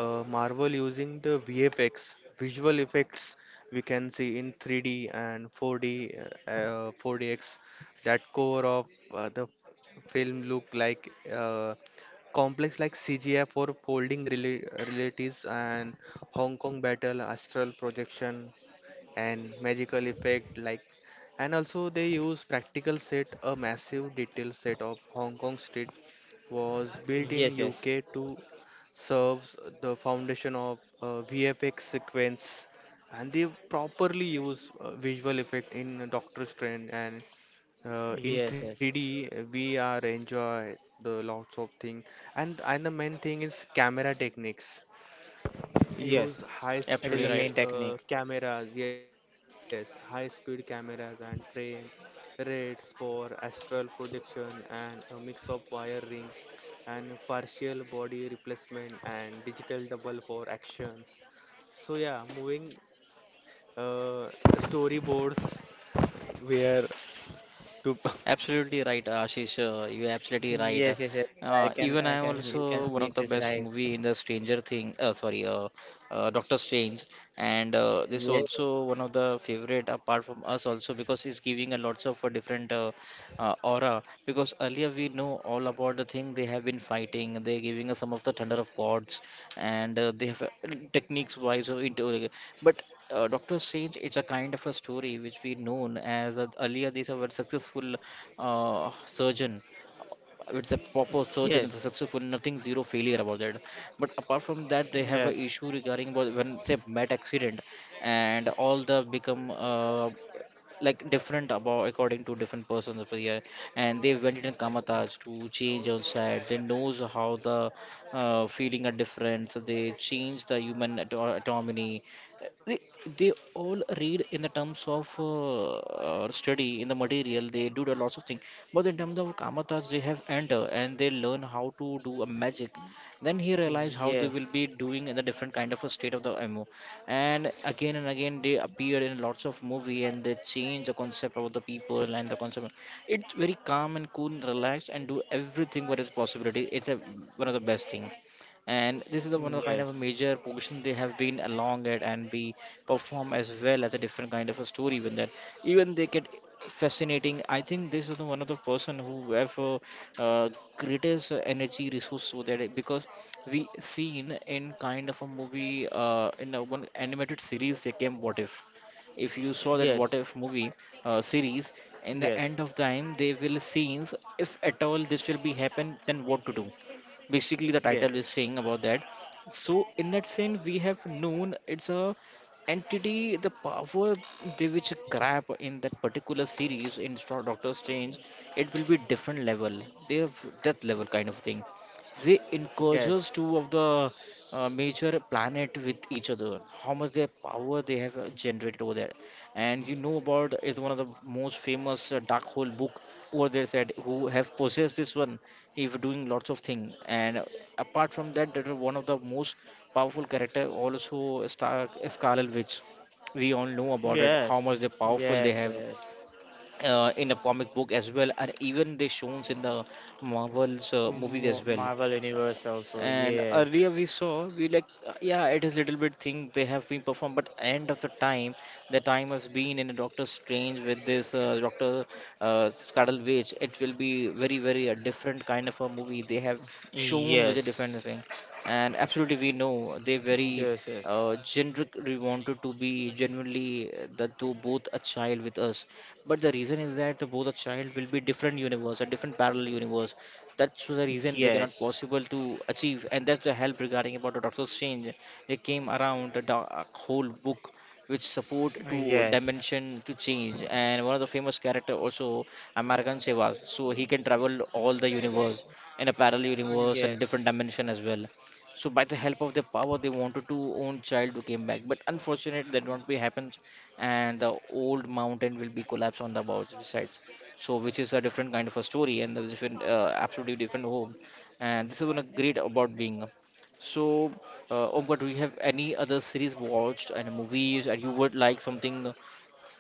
Speaker 2: Marvel using the VFX visual effects we can see in 3D and 4D, 4DX, that core of the film look like complex like CGI for folding relatives and Hong Kong battle, astral projection, and magical effect like. And also they use practical set, a massive detail set of Hong Kong street was built
Speaker 3: Yes,
Speaker 2: in
Speaker 3: yes.
Speaker 2: UK to serves the foundation of VFX sequence, and they properly use visual effect in Doctor Strange, and in
Speaker 3: Yes, yes,
Speaker 2: 3D we are enjoy the lots of thing. And the main thing is camera techniques.
Speaker 3: yes.
Speaker 2: Use high
Speaker 3: It is
Speaker 1: Absolutely
Speaker 3: the
Speaker 1: right.
Speaker 3: main
Speaker 2: speed
Speaker 3: technique.
Speaker 2: cameras, yes, high speed cameras and frame rates for astral projection and a mix of wire rings and partial body replacement and digital double for actions. So yeah, moving uh, storyboards where to
Speaker 1: Absolutely right, Ashish. You're absolutely right.
Speaker 3: Yes, yes, yes. I can,
Speaker 1: Even
Speaker 3: I
Speaker 1: I
Speaker 3: can.
Speaker 2: Yeah.
Speaker 3: You can
Speaker 1: also one
Speaker 3: see
Speaker 1: of
Speaker 3: it
Speaker 1: the
Speaker 3: is
Speaker 1: best
Speaker 3: right.
Speaker 1: movie in the Stranger Thing. Sorry, Doctor Strange, and this
Speaker 3: Yes,
Speaker 1: also one of the favorite apart from us also because it's giving a lots of different aura. Because earlier we know all about the thing they have been fighting. They're giving us some of the thunder of gods, and they have techniques wise. So into, like, but Doctor Strange it's a kind of a story which we known as earlier these were successful surgeon. It's a proper surgeon. It's a
Speaker 3: yes,
Speaker 1: successful. Nothing zero failure about that. But apart from that, they have a
Speaker 3: yes,
Speaker 1: issue regarding about when say met accident, and all the become like different about according to different persons of here, and they went in kamataj to change outside they knows how the feeling are different, so they change the human autonomy. They they all read in the terms of study in the material, they do the lots of things, but in terms of kamatas they have enter and they learn how to do a magic. Then he realized how they
Speaker 3: yes,
Speaker 1: will be doing in the different kind of a state of the mo. And again and again they appeared in lots of movie and they change the concept of the people and the concept. It's very calm and cool and relaxed and do everything what is possibility. One of the best thing. And this is the one of the kind of a
Speaker 3: yes,
Speaker 1: major portion they have been along it and be perform as well as a different kind of a story with that. Even they get fascinating. I think this is the one of the person who have uh, greatest energy resource over there, because we seen in kind of a movie, in a one animated series they came what if. If you saw that
Speaker 3: yes,
Speaker 1: what if
Speaker 3: yes,
Speaker 1: movie series. In the
Speaker 3: yes,
Speaker 1: end of time they will scenes if at all this will be happen then what to do. Basically the title is saying about that. So in that sense we have known it's a entity the power they which grab in that particular series in Doctor Strange. It will be different level. They have death level kind of thing. They encourages two of the major planet with each other how much their power they have generated over there. And you know about is one of the most famous dark hole book over there, said who have possessed this one if doing lots of thing. And apart from that, that is one of the most powerful character also, Star Scarlet Witch. We all know about it, how much
Speaker 3: yes,
Speaker 1: they powerful they have,
Speaker 3: yes, yes, yes.
Speaker 1: in a comic book as well, and even they shown in the Marvel's movies as well.
Speaker 3: Marvel Universe also.
Speaker 1: And earlier
Speaker 3: Yes,
Speaker 1: we saw we like yeah it is little bit thing they have been performed, but end of the time has been in a Doctor Strange with this Doctor Scarlet Witch. It will be very very a different kind of a movie they have shown with a different
Speaker 3: yes,
Speaker 1: thing, and absolutely we know they
Speaker 3: yes,
Speaker 1: very
Speaker 3: yes.
Speaker 1: generically wanted to be genuinely that to both a child with us, but the reason is that both the child will be different universe, a different parallel universe. That's the reason they cannot
Speaker 3: Yes,
Speaker 1: possible to achieve, and that's the help regarding about the Doctor Strange. They came around the a whole book which support to
Speaker 3: yes,
Speaker 1: dimension to change, and one of the famous character also, American Sevas, so he can travel all the universe in a parallel universe and different dimension
Speaker 3: yes,
Speaker 1: as well. So by the help of their power they wanted to own child who came back, but unfortunately that not be happen, and the old mountain will be collapsed on the both sides. So, which is a different kind of a story and a different, absolutely different home. And this is one of great about being. So, Omkar, do you have any other series watched and movies, and you would like something?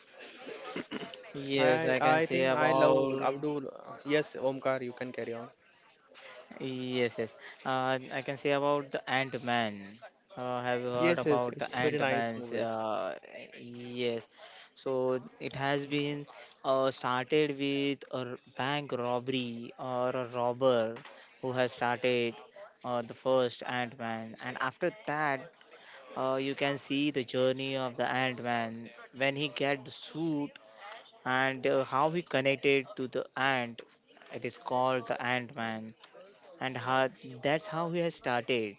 Speaker 3: yes.
Speaker 2: I
Speaker 3: I can
Speaker 2: I
Speaker 3: say
Speaker 2: think I love
Speaker 3: about
Speaker 2: Abdul. Yes, Omkar, you can carry on.
Speaker 3: yes, yes. I can say about the Ant Man. Have you heard
Speaker 2: Yes, yes,
Speaker 3: about the
Speaker 2: it's very
Speaker 3: Ant
Speaker 2: nice
Speaker 3: Man's?
Speaker 2: movie.
Speaker 3: Yes. So it has been started with a bank robbery or a robber who has started the first Ant Man, and after that, you can see the journey of the Ant Man when he get the suit, and how he connected to the ant. It is called the Ant Man, and how, that's how we have started,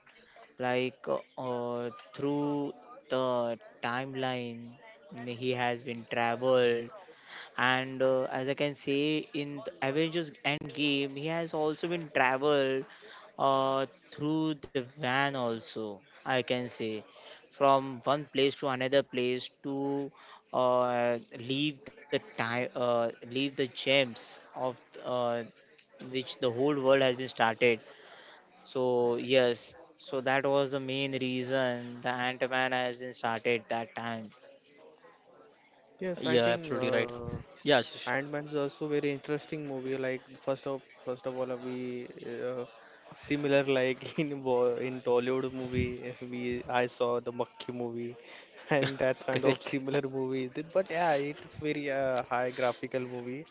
Speaker 3: like through the timeline he has been traveled, and as I can say, in the avengers endgame he has also been traveled uh, through the van also, I can say, from one place to another place to uh, leave the gems of uh, which the whole world has been started. So yes, so that was the main reason the Ant-Man has been started that time.
Speaker 2: Yes, I
Speaker 1: Yeah,
Speaker 2: think
Speaker 1: absolutely right. Yeah, Ashish.
Speaker 2: Ant-Man is also very interesting movie. Like first of all, we similar like in in Tollywood movie, we I saw the Makki movie, and that kind of
Speaker 1: Correct.
Speaker 2: similar movie. But yeah, it's very high graphical movie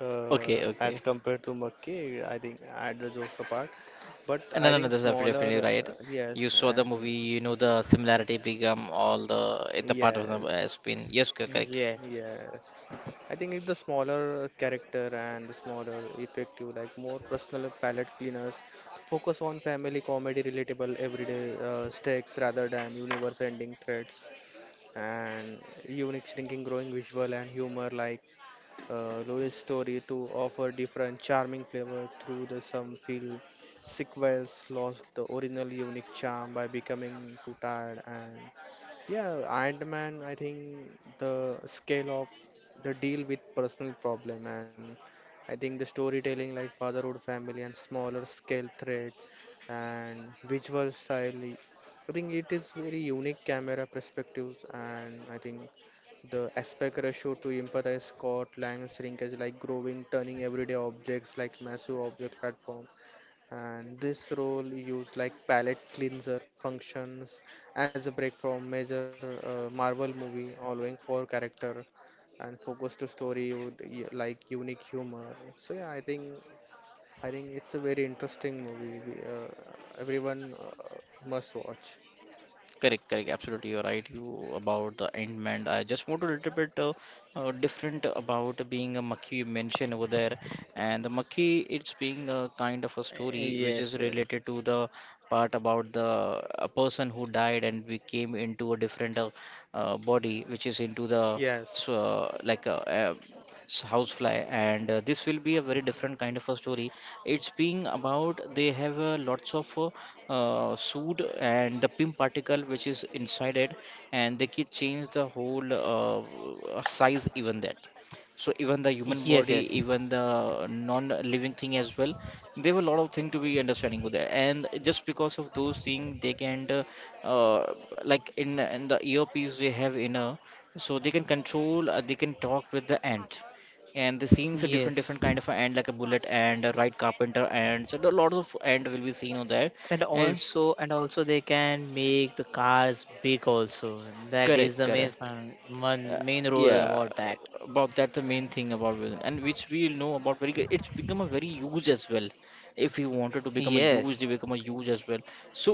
Speaker 1: Okay,
Speaker 2: as
Speaker 1: okay.
Speaker 2: compared to Makki. I think add the jokes apart, but I
Speaker 1: No, no,
Speaker 2: think
Speaker 1: no, that's
Speaker 2: smaller.
Speaker 1: definitely right. You
Speaker 2: Yes,
Speaker 1: saw the
Speaker 2: and
Speaker 1: movie, you know the similarity become all the eh, the part of the
Speaker 2: yes.
Speaker 1: has been, yes, correct.
Speaker 3: Yes,
Speaker 2: Yes, I think it's the smaller character and the smaller effective, like more personal palette cleaners, focus on family comedy, relatable everyday stakes rather than universe-ending threats, and unique shrinking, growing visual and humor, like Louis' story to offer different charming flavor through the some feel sequels lost the original unique charm by becoming too tired and yeah, Ant-Man, I think the scale of the deal with personal problem, and I think the storytelling like fatherhood family and smaller scale thread and visual style, I think it is very unique camera perspectives, and I think the aspect ratio to empathize Scott Lang shrinkage like growing, turning everyday objects like massive object platform. And this role used like palette cleanser functions as a break from major Marvel movie, allowing for character and focus to story with like unique humor. So yeah, I think it's a very interesting movie. Everyone must watch.
Speaker 1: Correct, correct. Absolutely, you're right. You about the Endman. I just want to little bit different about being a maki mentioned over there, and the maki, it's being a kind of a story which is
Speaker 3: yes, yes,
Speaker 1: related to the part about the a person who died and we came into a different body, which is into the so,
Speaker 2: Yes.
Speaker 1: like a, housefly, and this will be a very different kind of a story. It's being about they have lots of soot and the pim particle which is inside it, and they can change the whole size even that. So even the human
Speaker 3: yes,
Speaker 1: body,
Speaker 3: yes,
Speaker 1: even the non-living thing as well, there have a lot of thing to be understanding with that, and just because of those things they can uh, like in the earpiece they have in a, so they can control, they can talk with the ant. And the scenes are different
Speaker 3: yes.
Speaker 1: different kind of a end, like a bullet and a right carpenter, and so a lot of end will be seen on there. And
Speaker 3: And also they can make the cars big also. That is
Speaker 1: correct,
Speaker 3: the main
Speaker 1: correct. uh,
Speaker 3: one main role
Speaker 1: yeah,
Speaker 3: about that.
Speaker 1: about that, the main thing about women and which we know about very good, it's become a very huge as well. If we wanted to become a huge
Speaker 3: Yes,
Speaker 1: they become a huge as well. So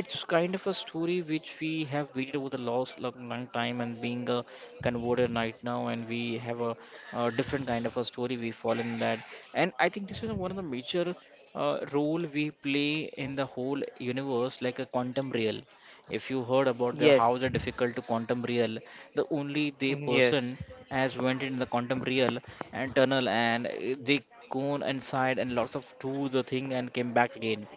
Speaker 1: it's kind of a story which we have waited over the last long, long time, and being a converted right now, and different kind of a story we fall in that. And I think this is one of the major role we play in the whole universe, like a quantum real. If you heard about the how
Speaker 3: yes,
Speaker 1: the difficult to quantum real, the only the
Speaker 3: yes,
Speaker 1: person has went in the quantum real and tunnel, and eh, they gone inside and lots of do the thing and came back again.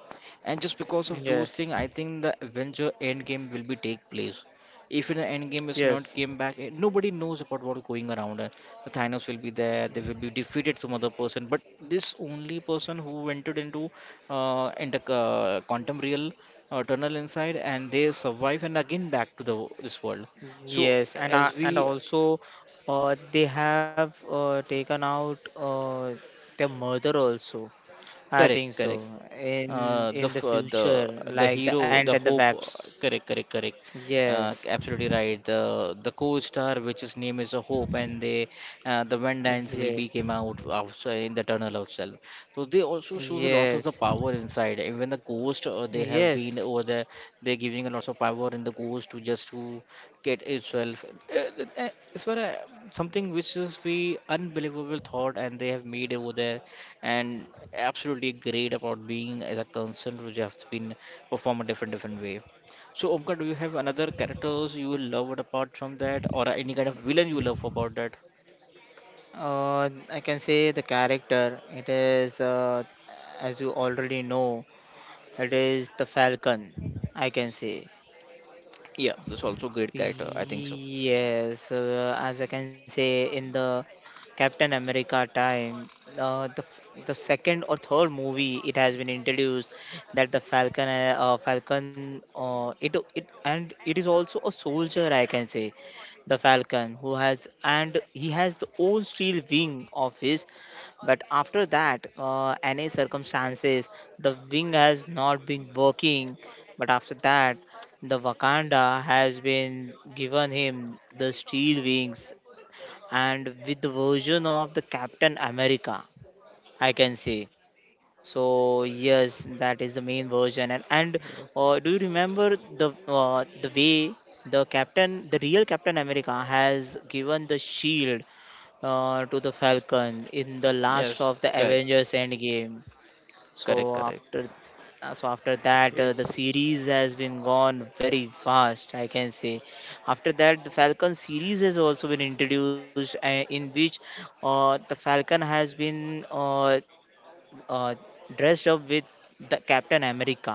Speaker 1: And just because of those
Speaker 3: yes,
Speaker 1: things, I think the Avenger Endgame will be take place. If the Endgame is not
Speaker 3: yes.
Speaker 1: came back, eh, nobody knows about what going around. Eh. The Thanos will be there. They will be defeated some other person. But this only person who entered into quantum real tunnel inside, and they survive and again back to the this world. So
Speaker 3: Yes, and
Speaker 1: as
Speaker 3: and
Speaker 1: we
Speaker 3: also they have taken out their mother also. I think
Speaker 1: correct
Speaker 3: so.
Speaker 1: correct.
Speaker 3: In
Speaker 1: uh,
Speaker 3: in
Speaker 1: the
Speaker 3: the
Speaker 1: f- uh, the
Speaker 3: future,
Speaker 1: the
Speaker 3: like the
Speaker 1: hero,
Speaker 3: ant
Speaker 1: the
Speaker 3: and the
Speaker 1: hope,
Speaker 3: wasps.
Speaker 1: correct correct correct.
Speaker 3: Yes,
Speaker 1: Absolutely right, the co-star which his name is a hope, and they, the Vandans will be
Speaker 3: yes,
Speaker 1: came out outside in the tunnel itself. So they also shows a lot of the
Speaker 3: yes,
Speaker 1: power inside, even the ghost they have been
Speaker 3: yes.
Speaker 1: over there. They're giving a lot of power in the ghost to just to get itself, uh, uh, it's for something which is we unbelievable thought and they have made over there. And absolutely great about being as a concern which has been performed a different different way. So Omkar, do you have another characters you love apart from that, or any kind of villain you love about that?
Speaker 3: I can say the character. It is as you already know, it is the falcon. I can say.
Speaker 1: Yeah, that's also great character, I think so.
Speaker 3: Yes, as I can say, in the Captain America time, the second or third movie, it has been introduced that the Falcon, it and it is also a soldier, I can say, the Falcon who has and he has the own steel wing of his, but after that, any circumstances, the wing has not been working. But after that, the Wakanda has been given him the steel wings and with the version of the Captain America, I can say. So yes, that is the main version. And do you
Speaker 2: Yes,
Speaker 3: remember the way the Captain, the real Captain America, has given the shield to the Falcon in the last
Speaker 1: Yes,
Speaker 3: of the
Speaker 1: correct,
Speaker 3: Avengers Endgame?
Speaker 1: correct,
Speaker 3: So
Speaker 1: correct.
Speaker 3: after so after that the
Speaker 2: yes.
Speaker 3: series has been gone very fast I can say. After that the falcon series has also been introduced in which the falcon has been uh, dressed up with the Captain America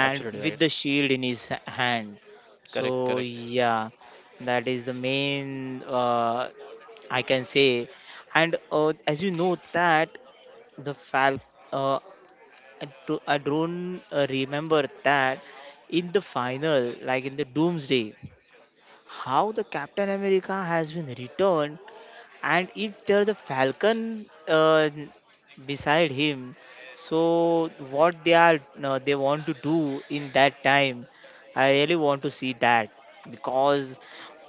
Speaker 3: and with
Speaker 1: right.
Speaker 3: the shield in his hand. So
Speaker 1: Correct, correct.
Speaker 3: yeah, that is the main I can say. And as you know that the falcon, I don't remember that in the final, like in the Doomsday, how the Captain America has been returned, and if there's a Falcon beside him, so what they are they want to do in that time, I really want to see that because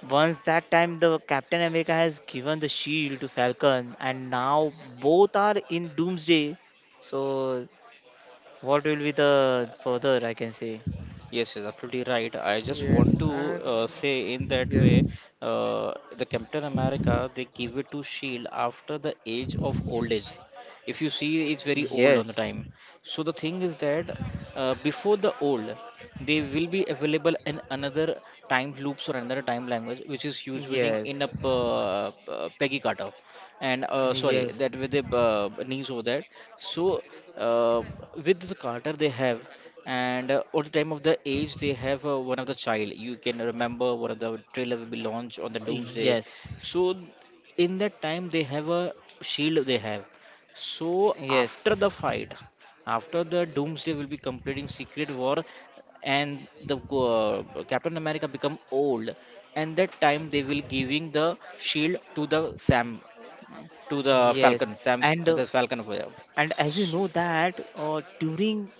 Speaker 3: once that time the Captain America has given the shield to Falcon, and now both are in Doomsday, so what will be the further I can say?
Speaker 1: Yes, yes, absolutely right. I just want
Speaker 2: Yes,
Speaker 1: to
Speaker 2: and
Speaker 1: say in that way,
Speaker 2: yes,
Speaker 1: the Captain America they give it to Shield after the age of old age. If you see, it's very
Speaker 3: Yes,
Speaker 1: old on the time. So the thing is that before the old, they will be available in another time loops or another time language, which is using in
Speaker 3: yes,
Speaker 1: a Peggy Carter, and sorry,
Speaker 3: yes,
Speaker 1: that with the knees over that. So uh, with the Carter they have, and at the time of the age they have one of the child. You can remember one of the trailer will be launched on the doomsday.
Speaker 3: yes,
Speaker 1: So in that time they have a shield they have. So
Speaker 3: yes,
Speaker 1: after the fight, after the doomsday will be completing secret war, and the Captain America become old, and that time they will giving the shield to the Sam, to the
Speaker 3: yes.
Speaker 1: Falcon, Sam
Speaker 3: And uh,
Speaker 1: the Falcon over there.
Speaker 3: and as you
Speaker 1: S-
Speaker 3: know that during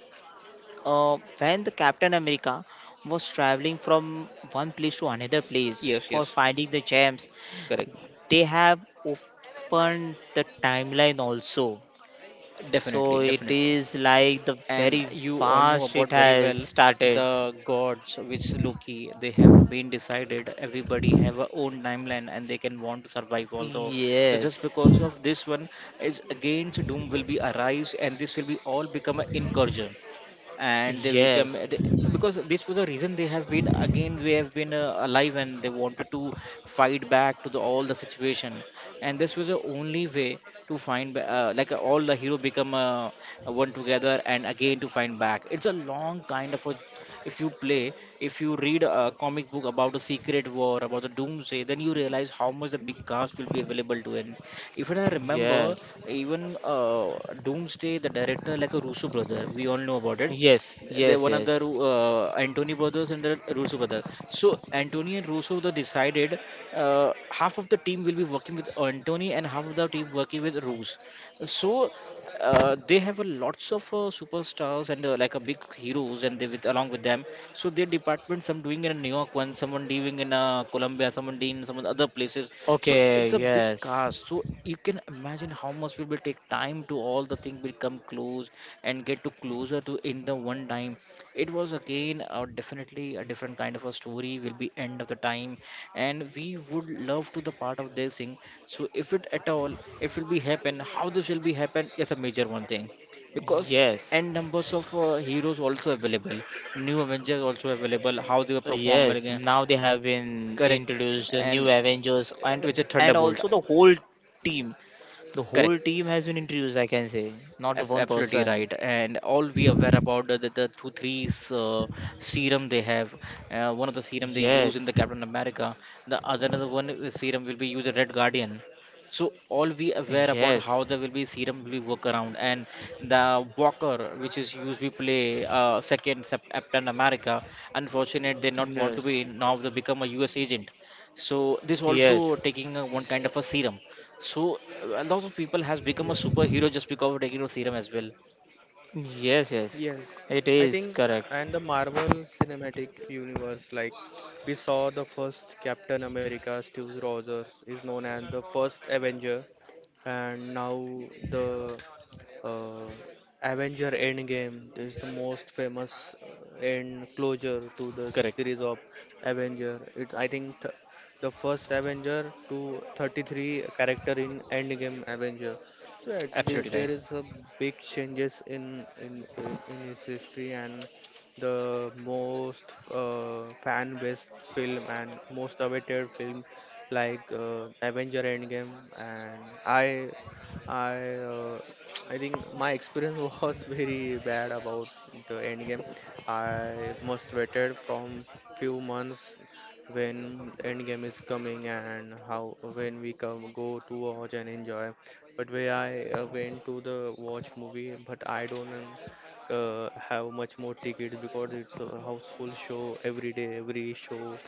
Speaker 3: when the Captain America was traveling from one place to another place
Speaker 1: yes
Speaker 3: for
Speaker 1: yes
Speaker 3: finding the gems,
Speaker 1: correct.
Speaker 3: they have opened the timeline also. So it
Speaker 1: Definitely,
Speaker 3: is
Speaker 1: definitely.
Speaker 3: like the very
Speaker 1: And you all
Speaker 3: fast it
Speaker 1: know about
Speaker 3: has
Speaker 1: very well
Speaker 3: started.
Speaker 1: the gods which Loki they have been decided everybody have a own timeline and they can want to survive also. So just
Speaker 3: Yes.
Speaker 1: because of this one is against doom will be arise, and this will be all become an incursion and they become
Speaker 3: Yes,
Speaker 1: they-, because this was the reason they have been again, they have been alive, and they wanted to fight back to the all the situation. And this was the only way to find like all the hero become one together and again to find back. It's a long kind of a, if you play, if you read a comic book about the secret war about the doomsday, then you realize how much the big cast will be available to. And even I remember,
Speaker 3: yes.
Speaker 1: even doomsday the director like a Russo brother, we all know about it,
Speaker 3: Yes.
Speaker 1: they
Speaker 3: Yes.
Speaker 1: one of the
Speaker 3: Yes.
Speaker 1: Antony brothers and the Russo brothers. So Antony and Russo they decided half of the team will be working with Antony and half of the team working with Russo. So they have a lots of superstars and like a big heroes and they with along with them. So their department, some doing in New York one, someone doing in Colombia, someone doing in some other places. So
Speaker 3: Okay.
Speaker 1: it's a big
Speaker 3: Yes.
Speaker 1: cast. So you can imagine how much will be take time to all the thing will come close and get to closer to in the one time. It was again definitely a different kind of a story will be end of the time, and we would love to the part of this thing. So if it at all, if it will be happen, how this will be happen is a major one thing because
Speaker 3: Yes.
Speaker 1: and numbers of heroes also available, new avengers also available, how they were performing
Speaker 3: Yes. Now they have been
Speaker 1: correct
Speaker 3: introduced the new
Speaker 1: and
Speaker 3: Avengers
Speaker 1: which is
Speaker 3: and
Speaker 1: thunderbolt
Speaker 3: also the whole team. The whole team
Speaker 1: correct.
Speaker 3: has been introduced. I can say not the one
Speaker 1: Absolutely
Speaker 3: person.
Speaker 1: right, and all we aware about the 2 3 serum they have. One of the serum they use in the
Speaker 3: Yes.
Speaker 1: Captain America, the other another one is serum will be used in Red Guardian. So all we aware
Speaker 3: Yes.
Speaker 1: about how there will be serum will be work around and the Walker which is used we play second Captain America. Unfortunate they not want to
Speaker 3: Yes.
Speaker 1: be now they become a U.S. agent. So this
Speaker 3: Yes.
Speaker 1: also taking a, one kind of a serum, so a lot of people has become a
Speaker 2: yes,
Speaker 1: superhero just because of Degino theorem as well.
Speaker 3: Yes. Yes.
Speaker 2: yes.
Speaker 3: It
Speaker 2: I
Speaker 3: is
Speaker 2: think, uh,
Speaker 3: correct.
Speaker 2: and the Marvel Cinematic Universe, like we saw the first Captain America, Steve Rogers is known as the first Avenger, and now the uh, Avenger Endgame, it is the most famous end closure to the series
Speaker 1: Correct.
Speaker 2: of Avenger. It's I think the first Avenger to 33 character in Endgame Avenger. So yeah, there
Speaker 1: Absolutely
Speaker 2: is a big changes in in his
Speaker 1: right.
Speaker 2: history and the most fan based film and most awaited film like Avenger Endgame, and I uh, I think my experience was very bad about the endgame. I must waited from few months when endgame is coming and how when we come go to watch and enjoy. But when I went to the watch movie, but I don't have much more ticket because it's a houseful show every day, every show,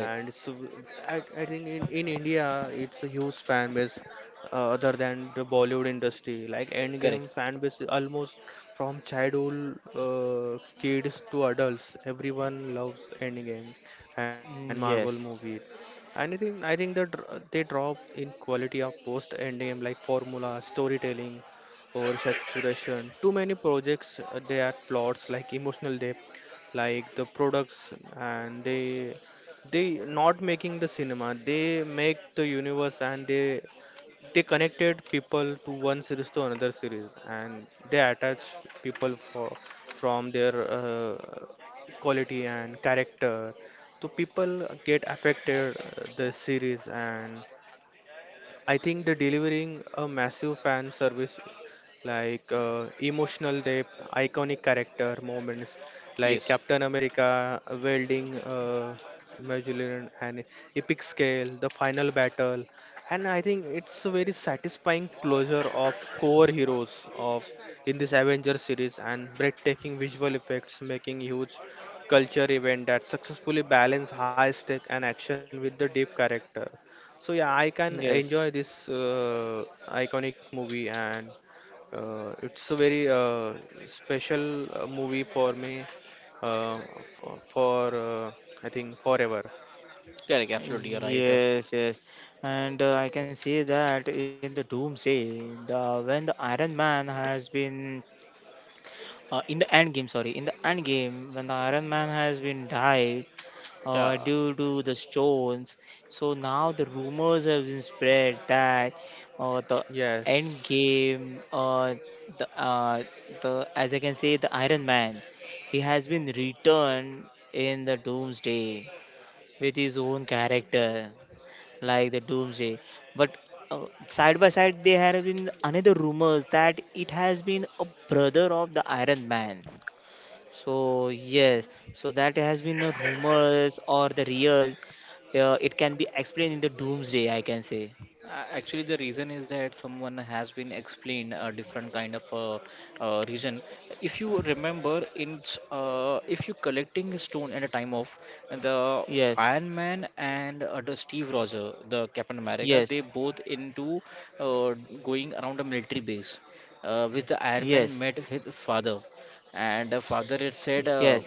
Speaker 2: and so I think in India it's a huge fan base other than the Bollywood industry. Like
Speaker 1: Correct.
Speaker 2: Endgame fan base is almost from childhood kids to adults, everyone loves Endgame and Marvel
Speaker 3: Mm,
Speaker 2: movie.
Speaker 3: yes.
Speaker 2: And I think that they drop in quality of post Endgame like formula, storytelling, or saturation. Too many projects they add plots like emotional depth, like the products, and they not making the cinema. They make the universe, and they connected people to one series to another series, and they attach people for from their quality and character, so people get affected the series, and I think the delivering a massive fan service like emotional depth, iconic character moments like
Speaker 1: Yes,
Speaker 2: Captain America welding Magellan and epic scale, the final battle, and I think it's a very satisfying closure of core heroes of in this Avengers series and breathtaking visual effects making huge culture event that successfully balance high stake and action with the deep character. So yeah, I can enjoy
Speaker 3: Yes.
Speaker 2: this iconic movie, and it's a very special movie for me. Uh, for I think forever.
Speaker 1: correct, absolutely, you're right.
Speaker 3: Yes, yes, and I can see that in the Doomsday, the when the Iron Man has been in the end game, sorry, in the end game when the Iron Man has been died
Speaker 1: Yeah,
Speaker 3: due to the stones. So now the rumors have been spread that uh, the end
Speaker 2: Yes.
Speaker 3: game, uh, the uh, the as I can say, the Iron Man, he has been returned in the Doomsday with his own character like the doomsday, but side by side there have been another rumors that it has been a brother of the Iron Man. So yes, so that has been the rumors or the real, it can be explained in the Doomsday I can say.
Speaker 1: Actually, the reason is that someone has been explained a different kind of reason. If you remember, in if you collecting a stone at a time of the
Speaker 3: Yes,
Speaker 1: Iron Man and the Steve Roger, the Captain America, they
Speaker 3: yes,
Speaker 1: both into uh, going around a military base, which the Iron
Speaker 3: yes,
Speaker 1: Man met his father, and the father had said
Speaker 3: yes,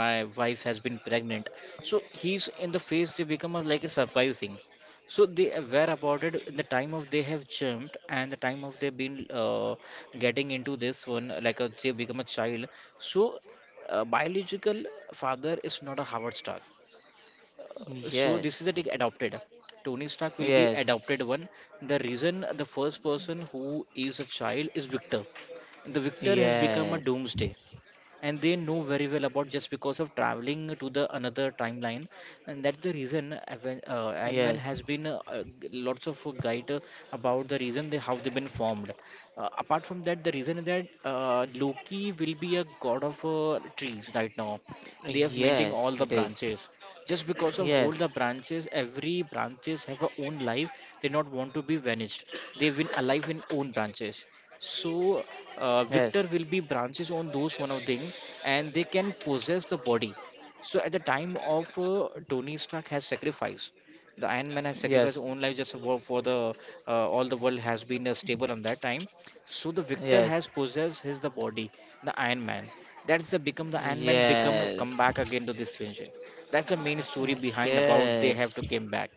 Speaker 1: my wife has been pregnant, so he's in the face they become a, like a surprise thing, so they were awarded in the time of they have jumped and the time of they've been getting into this one, like they become a child. So biological father is not a Howard Stark. So this is
Speaker 3: yes,
Speaker 1: the take adopted. Tony Stark will be adopted
Speaker 3: yes,
Speaker 1: one. The reason the first person who is a child is Victor. The Victor has become a
Speaker 3: yes,
Speaker 1: doomsday and they know very well about just because of traveling to the another timeline, and that's the reason
Speaker 3: yes,
Speaker 1: Ant-Man has been lots of guide about the reason they how they've been formed. Uh, apart from that the reason is that Loki will be a god of trees right now. They have maintained all
Speaker 3: yes,
Speaker 1: the
Speaker 3: it is.
Speaker 1: branches, just because of all the
Speaker 3: Yes,
Speaker 1: branches every branches have a own life, they not want to be vanished, they've been alive in own branches. So
Speaker 3: yes,
Speaker 1: Victor will be branches on those one of thing, and they can possess the body. So at the time of Tony Stark has sacrificed, the Iron Man has sacrificed
Speaker 3: yes,
Speaker 1: his own life just for the all the world has been stable on that time. So the Victor has
Speaker 3: yes.
Speaker 1: possessed his the body, the Iron Man. That's the become the Iron Man become come back
Speaker 3: Yes.
Speaker 1: again to this venture. That's the main story behind about they have
Speaker 3: Yes.
Speaker 1: to came back.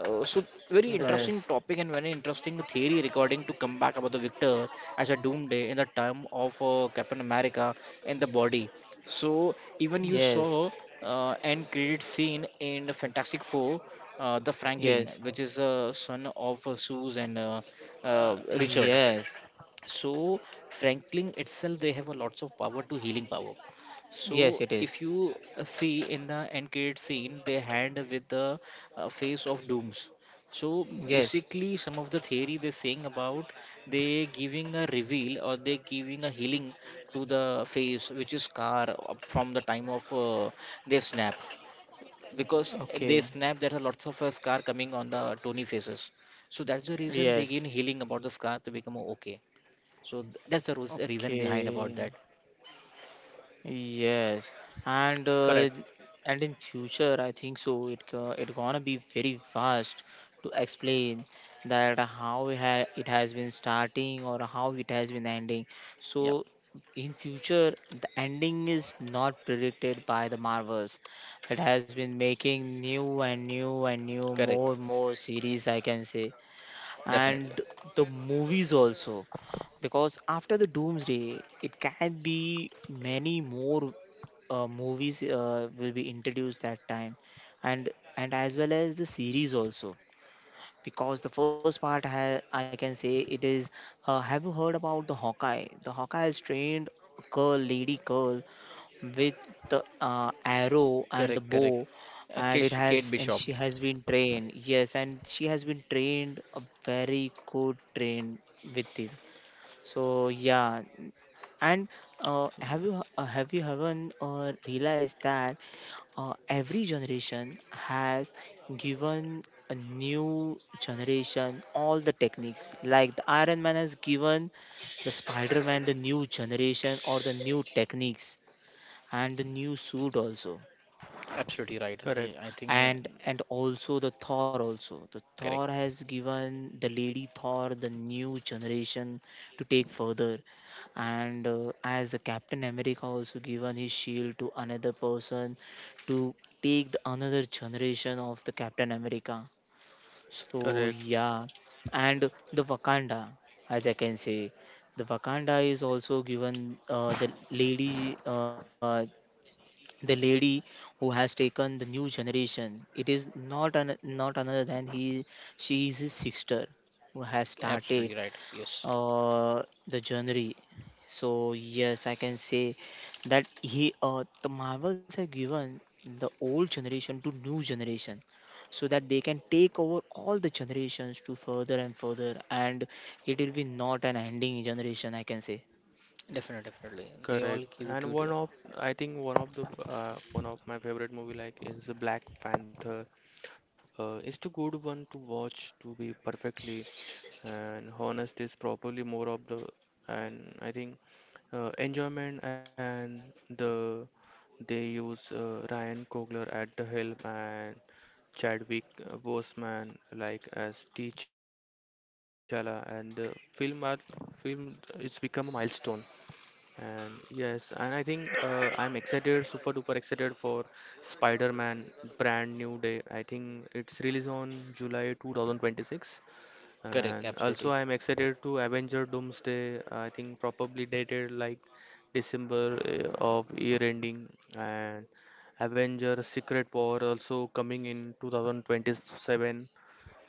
Speaker 1: So very
Speaker 2: Right.
Speaker 1: interesting
Speaker 3: Yes.
Speaker 1: topic and very interesting theory regarding to come back about the victor as a doomsday in the time of Captain America and the body. So even you saw
Speaker 3: Yes.
Speaker 1: end credit scene in Fantastic Four, the Franklin,
Speaker 3: Yes.
Speaker 1: which is son of Suze and Richard.
Speaker 3: Yes.
Speaker 1: So franklin itself they have a lots of power to healing power. So
Speaker 3: Yes, it
Speaker 1: if
Speaker 3: is.
Speaker 1: you see in the end credit scene they hand with the face of dooms, so
Speaker 3: Yes.
Speaker 1: basically some of the theory they're saying about they giving a reveal or they giving a healing to the face which is scar up from the time of they snap. Because they
Speaker 3: Okay.
Speaker 1: snap there are lots of scar coming on the tony faces, so that's the reason they give
Speaker 3: Yes.
Speaker 1: healing about the scar to become okay. So that's the reason behind about
Speaker 3: Okay.
Speaker 1: that.
Speaker 3: Yes, and
Speaker 2: Correct.
Speaker 3: and in future, I think so. It gonna be very vast to explain that how it ha it has been starting or how it has been ending. So
Speaker 1: Yeah,
Speaker 3: in future, the ending is not predicted by the Marvels. It has been making new and new and new
Speaker 1: correct.
Speaker 3: more series, I can say,
Speaker 1: Definitely.
Speaker 3: and the movies also, because after the doomsday it can be many more movies will be introduced that time, and and as well as the series also, because the first part, I can say it is, have you heard about the Hawkeye? The Hawkeye is trained a girl, lady girl with the arrow and the
Speaker 1: Correct,
Speaker 3: bow,
Speaker 1: correct.
Speaker 3: and it has
Speaker 1: Kate
Speaker 3: and she
Speaker 1: Bishop.
Speaker 3: has been trained, yes, and she has been trained a very good trained with him. So yeah, and have you haven't realized that every generation has given a new generation all the techniques, like the Iron Man has given the spider man the new generation or the new techniques and the new suit also.
Speaker 1: Absolutely right.
Speaker 2: Correct,
Speaker 1: I think
Speaker 3: And also the Thor also, the Thor
Speaker 1: correct.
Speaker 3: has given the lady Thor the new generation to take further. And as the Captain America also given his shield to another person to take the another generation of the Captain America. So
Speaker 2: correct,
Speaker 3: yeah, and the Wakanda, as I can say, the Wakanda is also given the lady who has taken the new generation. It is not an, not another than he, she is his sister who has started
Speaker 1: Absolutely right. Yes.
Speaker 3: uh the genre. So yes, I can say that he the Marvels have given the old generation to new generation, so that they can take over all the generations to further and further, and it will be not an ending generation I can say.
Speaker 1: Definitely, definitely. They all
Speaker 2: correct.
Speaker 1: give it
Speaker 2: And
Speaker 1: to
Speaker 2: one
Speaker 1: the
Speaker 2: of I think one of the one of my favorite movie like is the Black Panther. It's too good one to watch to be perfectly. And honest is probably more of the, and I think enjoyment and the they use Ryan Coogler at the helm and Chadwick Boseman like as T'Challa and the film are film it's become a milestone. And yes, and I think I'm excited, super duper excited for Spider-Man Brand New Day. I think it's released on July 2026,
Speaker 1: correct.
Speaker 2: and also,
Speaker 1: Absolutely.
Speaker 2: I'm excited to Avenger Doomsday. I think probably dated like December of year ending. And Avenger Secret War also coming in 2027.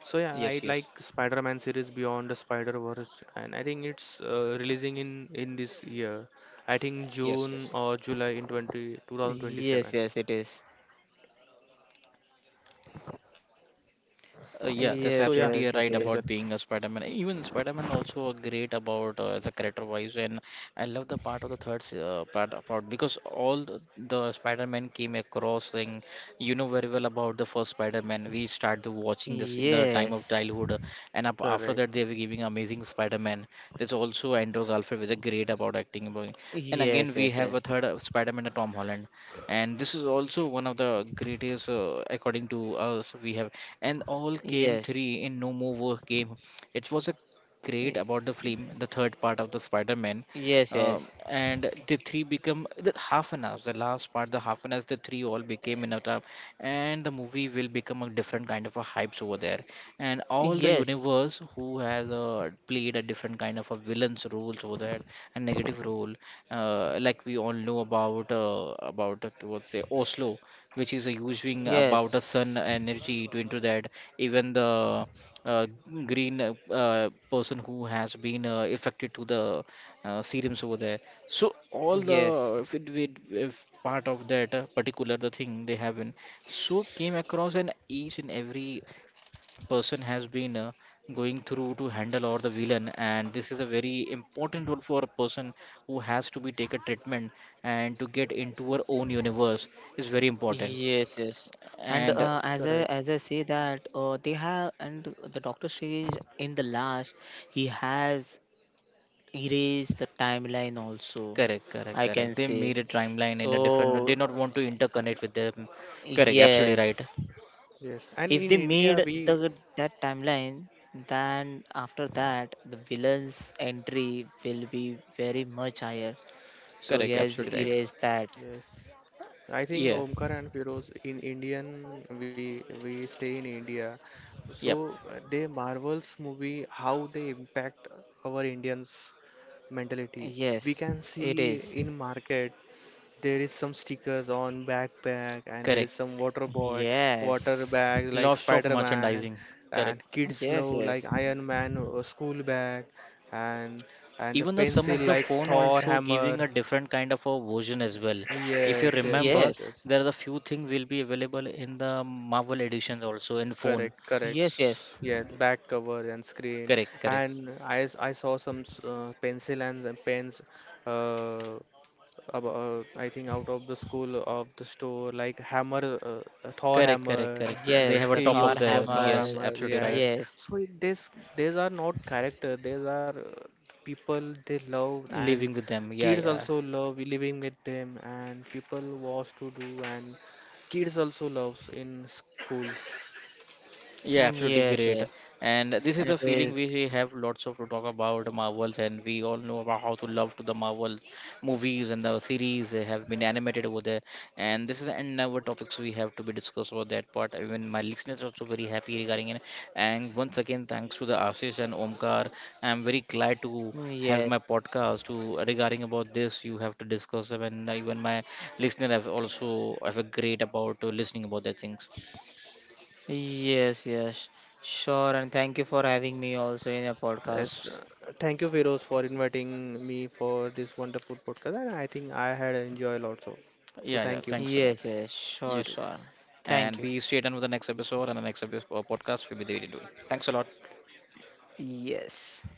Speaker 2: So yeah, I
Speaker 1: Yes, yes.
Speaker 2: like Spider-Man series Beyond the Spider-Verse, and I think it's releasing in this year. I think
Speaker 1: Yes,
Speaker 2: June
Speaker 1: yes.
Speaker 2: or July in 20, 2027.
Speaker 3: Yes, yes, it is.
Speaker 1: Yeah,
Speaker 2: So yeah,
Speaker 1: that's
Speaker 3: Yes,
Speaker 2: you
Speaker 1: absolutely
Speaker 2: can
Speaker 3: yes,
Speaker 1: right
Speaker 2: get.
Speaker 3: it
Speaker 1: about
Speaker 3: is.
Speaker 1: being a Spider-Man. Even Spider-Man also a great about as a character-wise, and I love the part of the third part about because all the Spider-Man came across thing. You know very well about the first Spider-Man. We started watching this in the time of
Speaker 3: Yes,
Speaker 1: childhood, and up,
Speaker 2: Correct.
Speaker 1: after that they were giving amazing Spider-Man. There's also Andrew Garfield, was is great about acting. About- And again
Speaker 3: yes,
Speaker 1: we
Speaker 3: yes,
Speaker 1: have a
Speaker 3: yes,
Speaker 1: third Spider-Man, Tom Holland, and this is also one of the greatest according to us we have, and all came
Speaker 3: yes.
Speaker 1: three in no more war game. It was a great
Speaker 3: Y-
Speaker 1: about the film, the third part of the spider-man.
Speaker 3: yes
Speaker 1: uh,
Speaker 3: yes,
Speaker 1: and the three become the half an hour, the last part the half an hour the three all became in a time, and the movie will become a different kind of a hypes over there, and all the
Speaker 3: yes,
Speaker 1: universe who has played a different kind of a villain's roles over there, a negative role, like we all know about what's say Oslo, which is using about the sun
Speaker 3: yes.
Speaker 1: energy to into that. Even the uh, green person who has been affected to the serums over there. So all
Speaker 3: Yes,
Speaker 1: the if if part of that particular the thing they have in, so came across an each and every person has been going through to handle or the villain, and this is a very important role for a person who has to be take a treatment and to get into her own universe is very important.
Speaker 3: yes. yes. And
Speaker 1: And
Speaker 3: uh, as I
Speaker 2: Correct.
Speaker 3: as I say that they have and the Doctor Strange in the last he has erased the timeline also,
Speaker 1: correct, correct,
Speaker 3: I
Speaker 1: correct,
Speaker 3: can
Speaker 1: they made
Speaker 3: say.
Speaker 1: a timeline in a different
Speaker 3: So
Speaker 1: they not want to interconnect with them. Correct, absolutely right.
Speaker 3: yes,
Speaker 2: Yes. And
Speaker 3: if
Speaker 2: in
Speaker 3: they
Speaker 2: India,
Speaker 3: made
Speaker 2: we
Speaker 3: the that timeline, then after that the villain's entry will be very much higher. So he
Speaker 1: Correct,
Speaker 3: has
Speaker 1: absolutely right.
Speaker 2: yeah,
Speaker 3: erased that.
Speaker 2: yes. I think
Speaker 1: Yeah,
Speaker 2: Omkar and Feroz in Indian we stay in India, so
Speaker 1: yep,
Speaker 2: they Marvels movie how they impact our Indians mentality. We can
Speaker 3: Yes, it
Speaker 2: see in
Speaker 3: is.
Speaker 2: market there is some stickers on backpack and there is
Speaker 1: correct.
Speaker 2: some water
Speaker 3: Yes.
Speaker 2: bag like
Speaker 1: Lots of
Speaker 2: Spider-Man,
Speaker 1: merchandising.
Speaker 2: and
Speaker 1: Correct.
Speaker 2: kids
Speaker 3: Yes,
Speaker 2: love like
Speaker 3: yes.
Speaker 2: Iron Man school bag and and the
Speaker 1: Even the some of
Speaker 2: pencil
Speaker 1: the
Speaker 2: like
Speaker 1: phone
Speaker 2: Thor
Speaker 1: also giving
Speaker 2: hammer.
Speaker 1: a different kind of a version as well. If you
Speaker 2: Yes, yes,
Speaker 1: remember,
Speaker 2: yes,
Speaker 3: Yes,
Speaker 2: yes.
Speaker 1: there are a few things will be available in the marvel editions also in phone.
Speaker 2: Correct, correct.
Speaker 3: yes, yes,
Speaker 1: S-,
Speaker 2: Yes, back cover and screen,
Speaker 1: correct, correct,
Speaker 2: and I saw some pencil and pens. Uh, about, I think out of the school of the store, like hammer, Thor
Speaker 1: correct, correct,
Speaker 2: hammer.
Speaker 1: correct. They
Speaker 3: yes.
Speaker 1: have a
Speaker 3: The
Speaker 2: They
Speaker 1: top
Speaker 3: Thor
Speaker 1: of
Speaker 2: use
Speaker 1: the,
Speaker 2: for Thor
Speaker 1: yes,
Speaker 2: hammer.
Speaker 3: hammers.
Speaker 1: absolutely right.
Speaker 2: Yes.
Speaker 3: Yes,
Speaker 2: So it- this these are not character. These are people they love, and
Speaker 1: Living with them, yeah,
Speaker 2: kids
Speaker 1: yeah.
Speaker 2: also love living with them, and people was to do, and kids also loves in schools.
Speaker 1: Yeah, absolutely
Speaker 3: yes,
Speaker 1: great.
Speaker 3: yes.
Speaker 1: And this is the
Speaker 3: It
Speaker 1: feeling
Speaker 3: is.
Speaker 1: we have lots of to talk about Marvels, and we all know about how to love to the Marvel movies and the series they have been animated over there. And this is another topics we have to be discussed about that part. Even my listeners are also very happy regarding it. And once again, thanks to the Ashish and Omkar. I'm very glad to have
Speaker 3: Yes,
Speaker 1: my podcast to regarding about this. You have to discuss them, and even my listener have also have a great about listening about that things.
Speaker 3: yes, yes. Sure, and thank you for having me also in your
Speaker 2: Yes,
Speaker 3: podcast.
Speaker 2: thank you, Feroz, for inviting me for this wonderful podcast, and I think I had enjoyed lots of. So
Speaker 1: Yeah, yeah.
Speaker 2: thank you.
Speaker 1: Thanks a lot.
Speaker 3: Yes, yes.
Speaker 1: You
Speaker 3: Sure,
Speaker 1: too.
Speaker 3: sure.
Speaker 1: And
Speaker 3: Thank you.
Speaker 1: be stay tuned with the next episode, and the next episode podcast will be there in doing. Thanks a lot.
Speaker 3: Yes.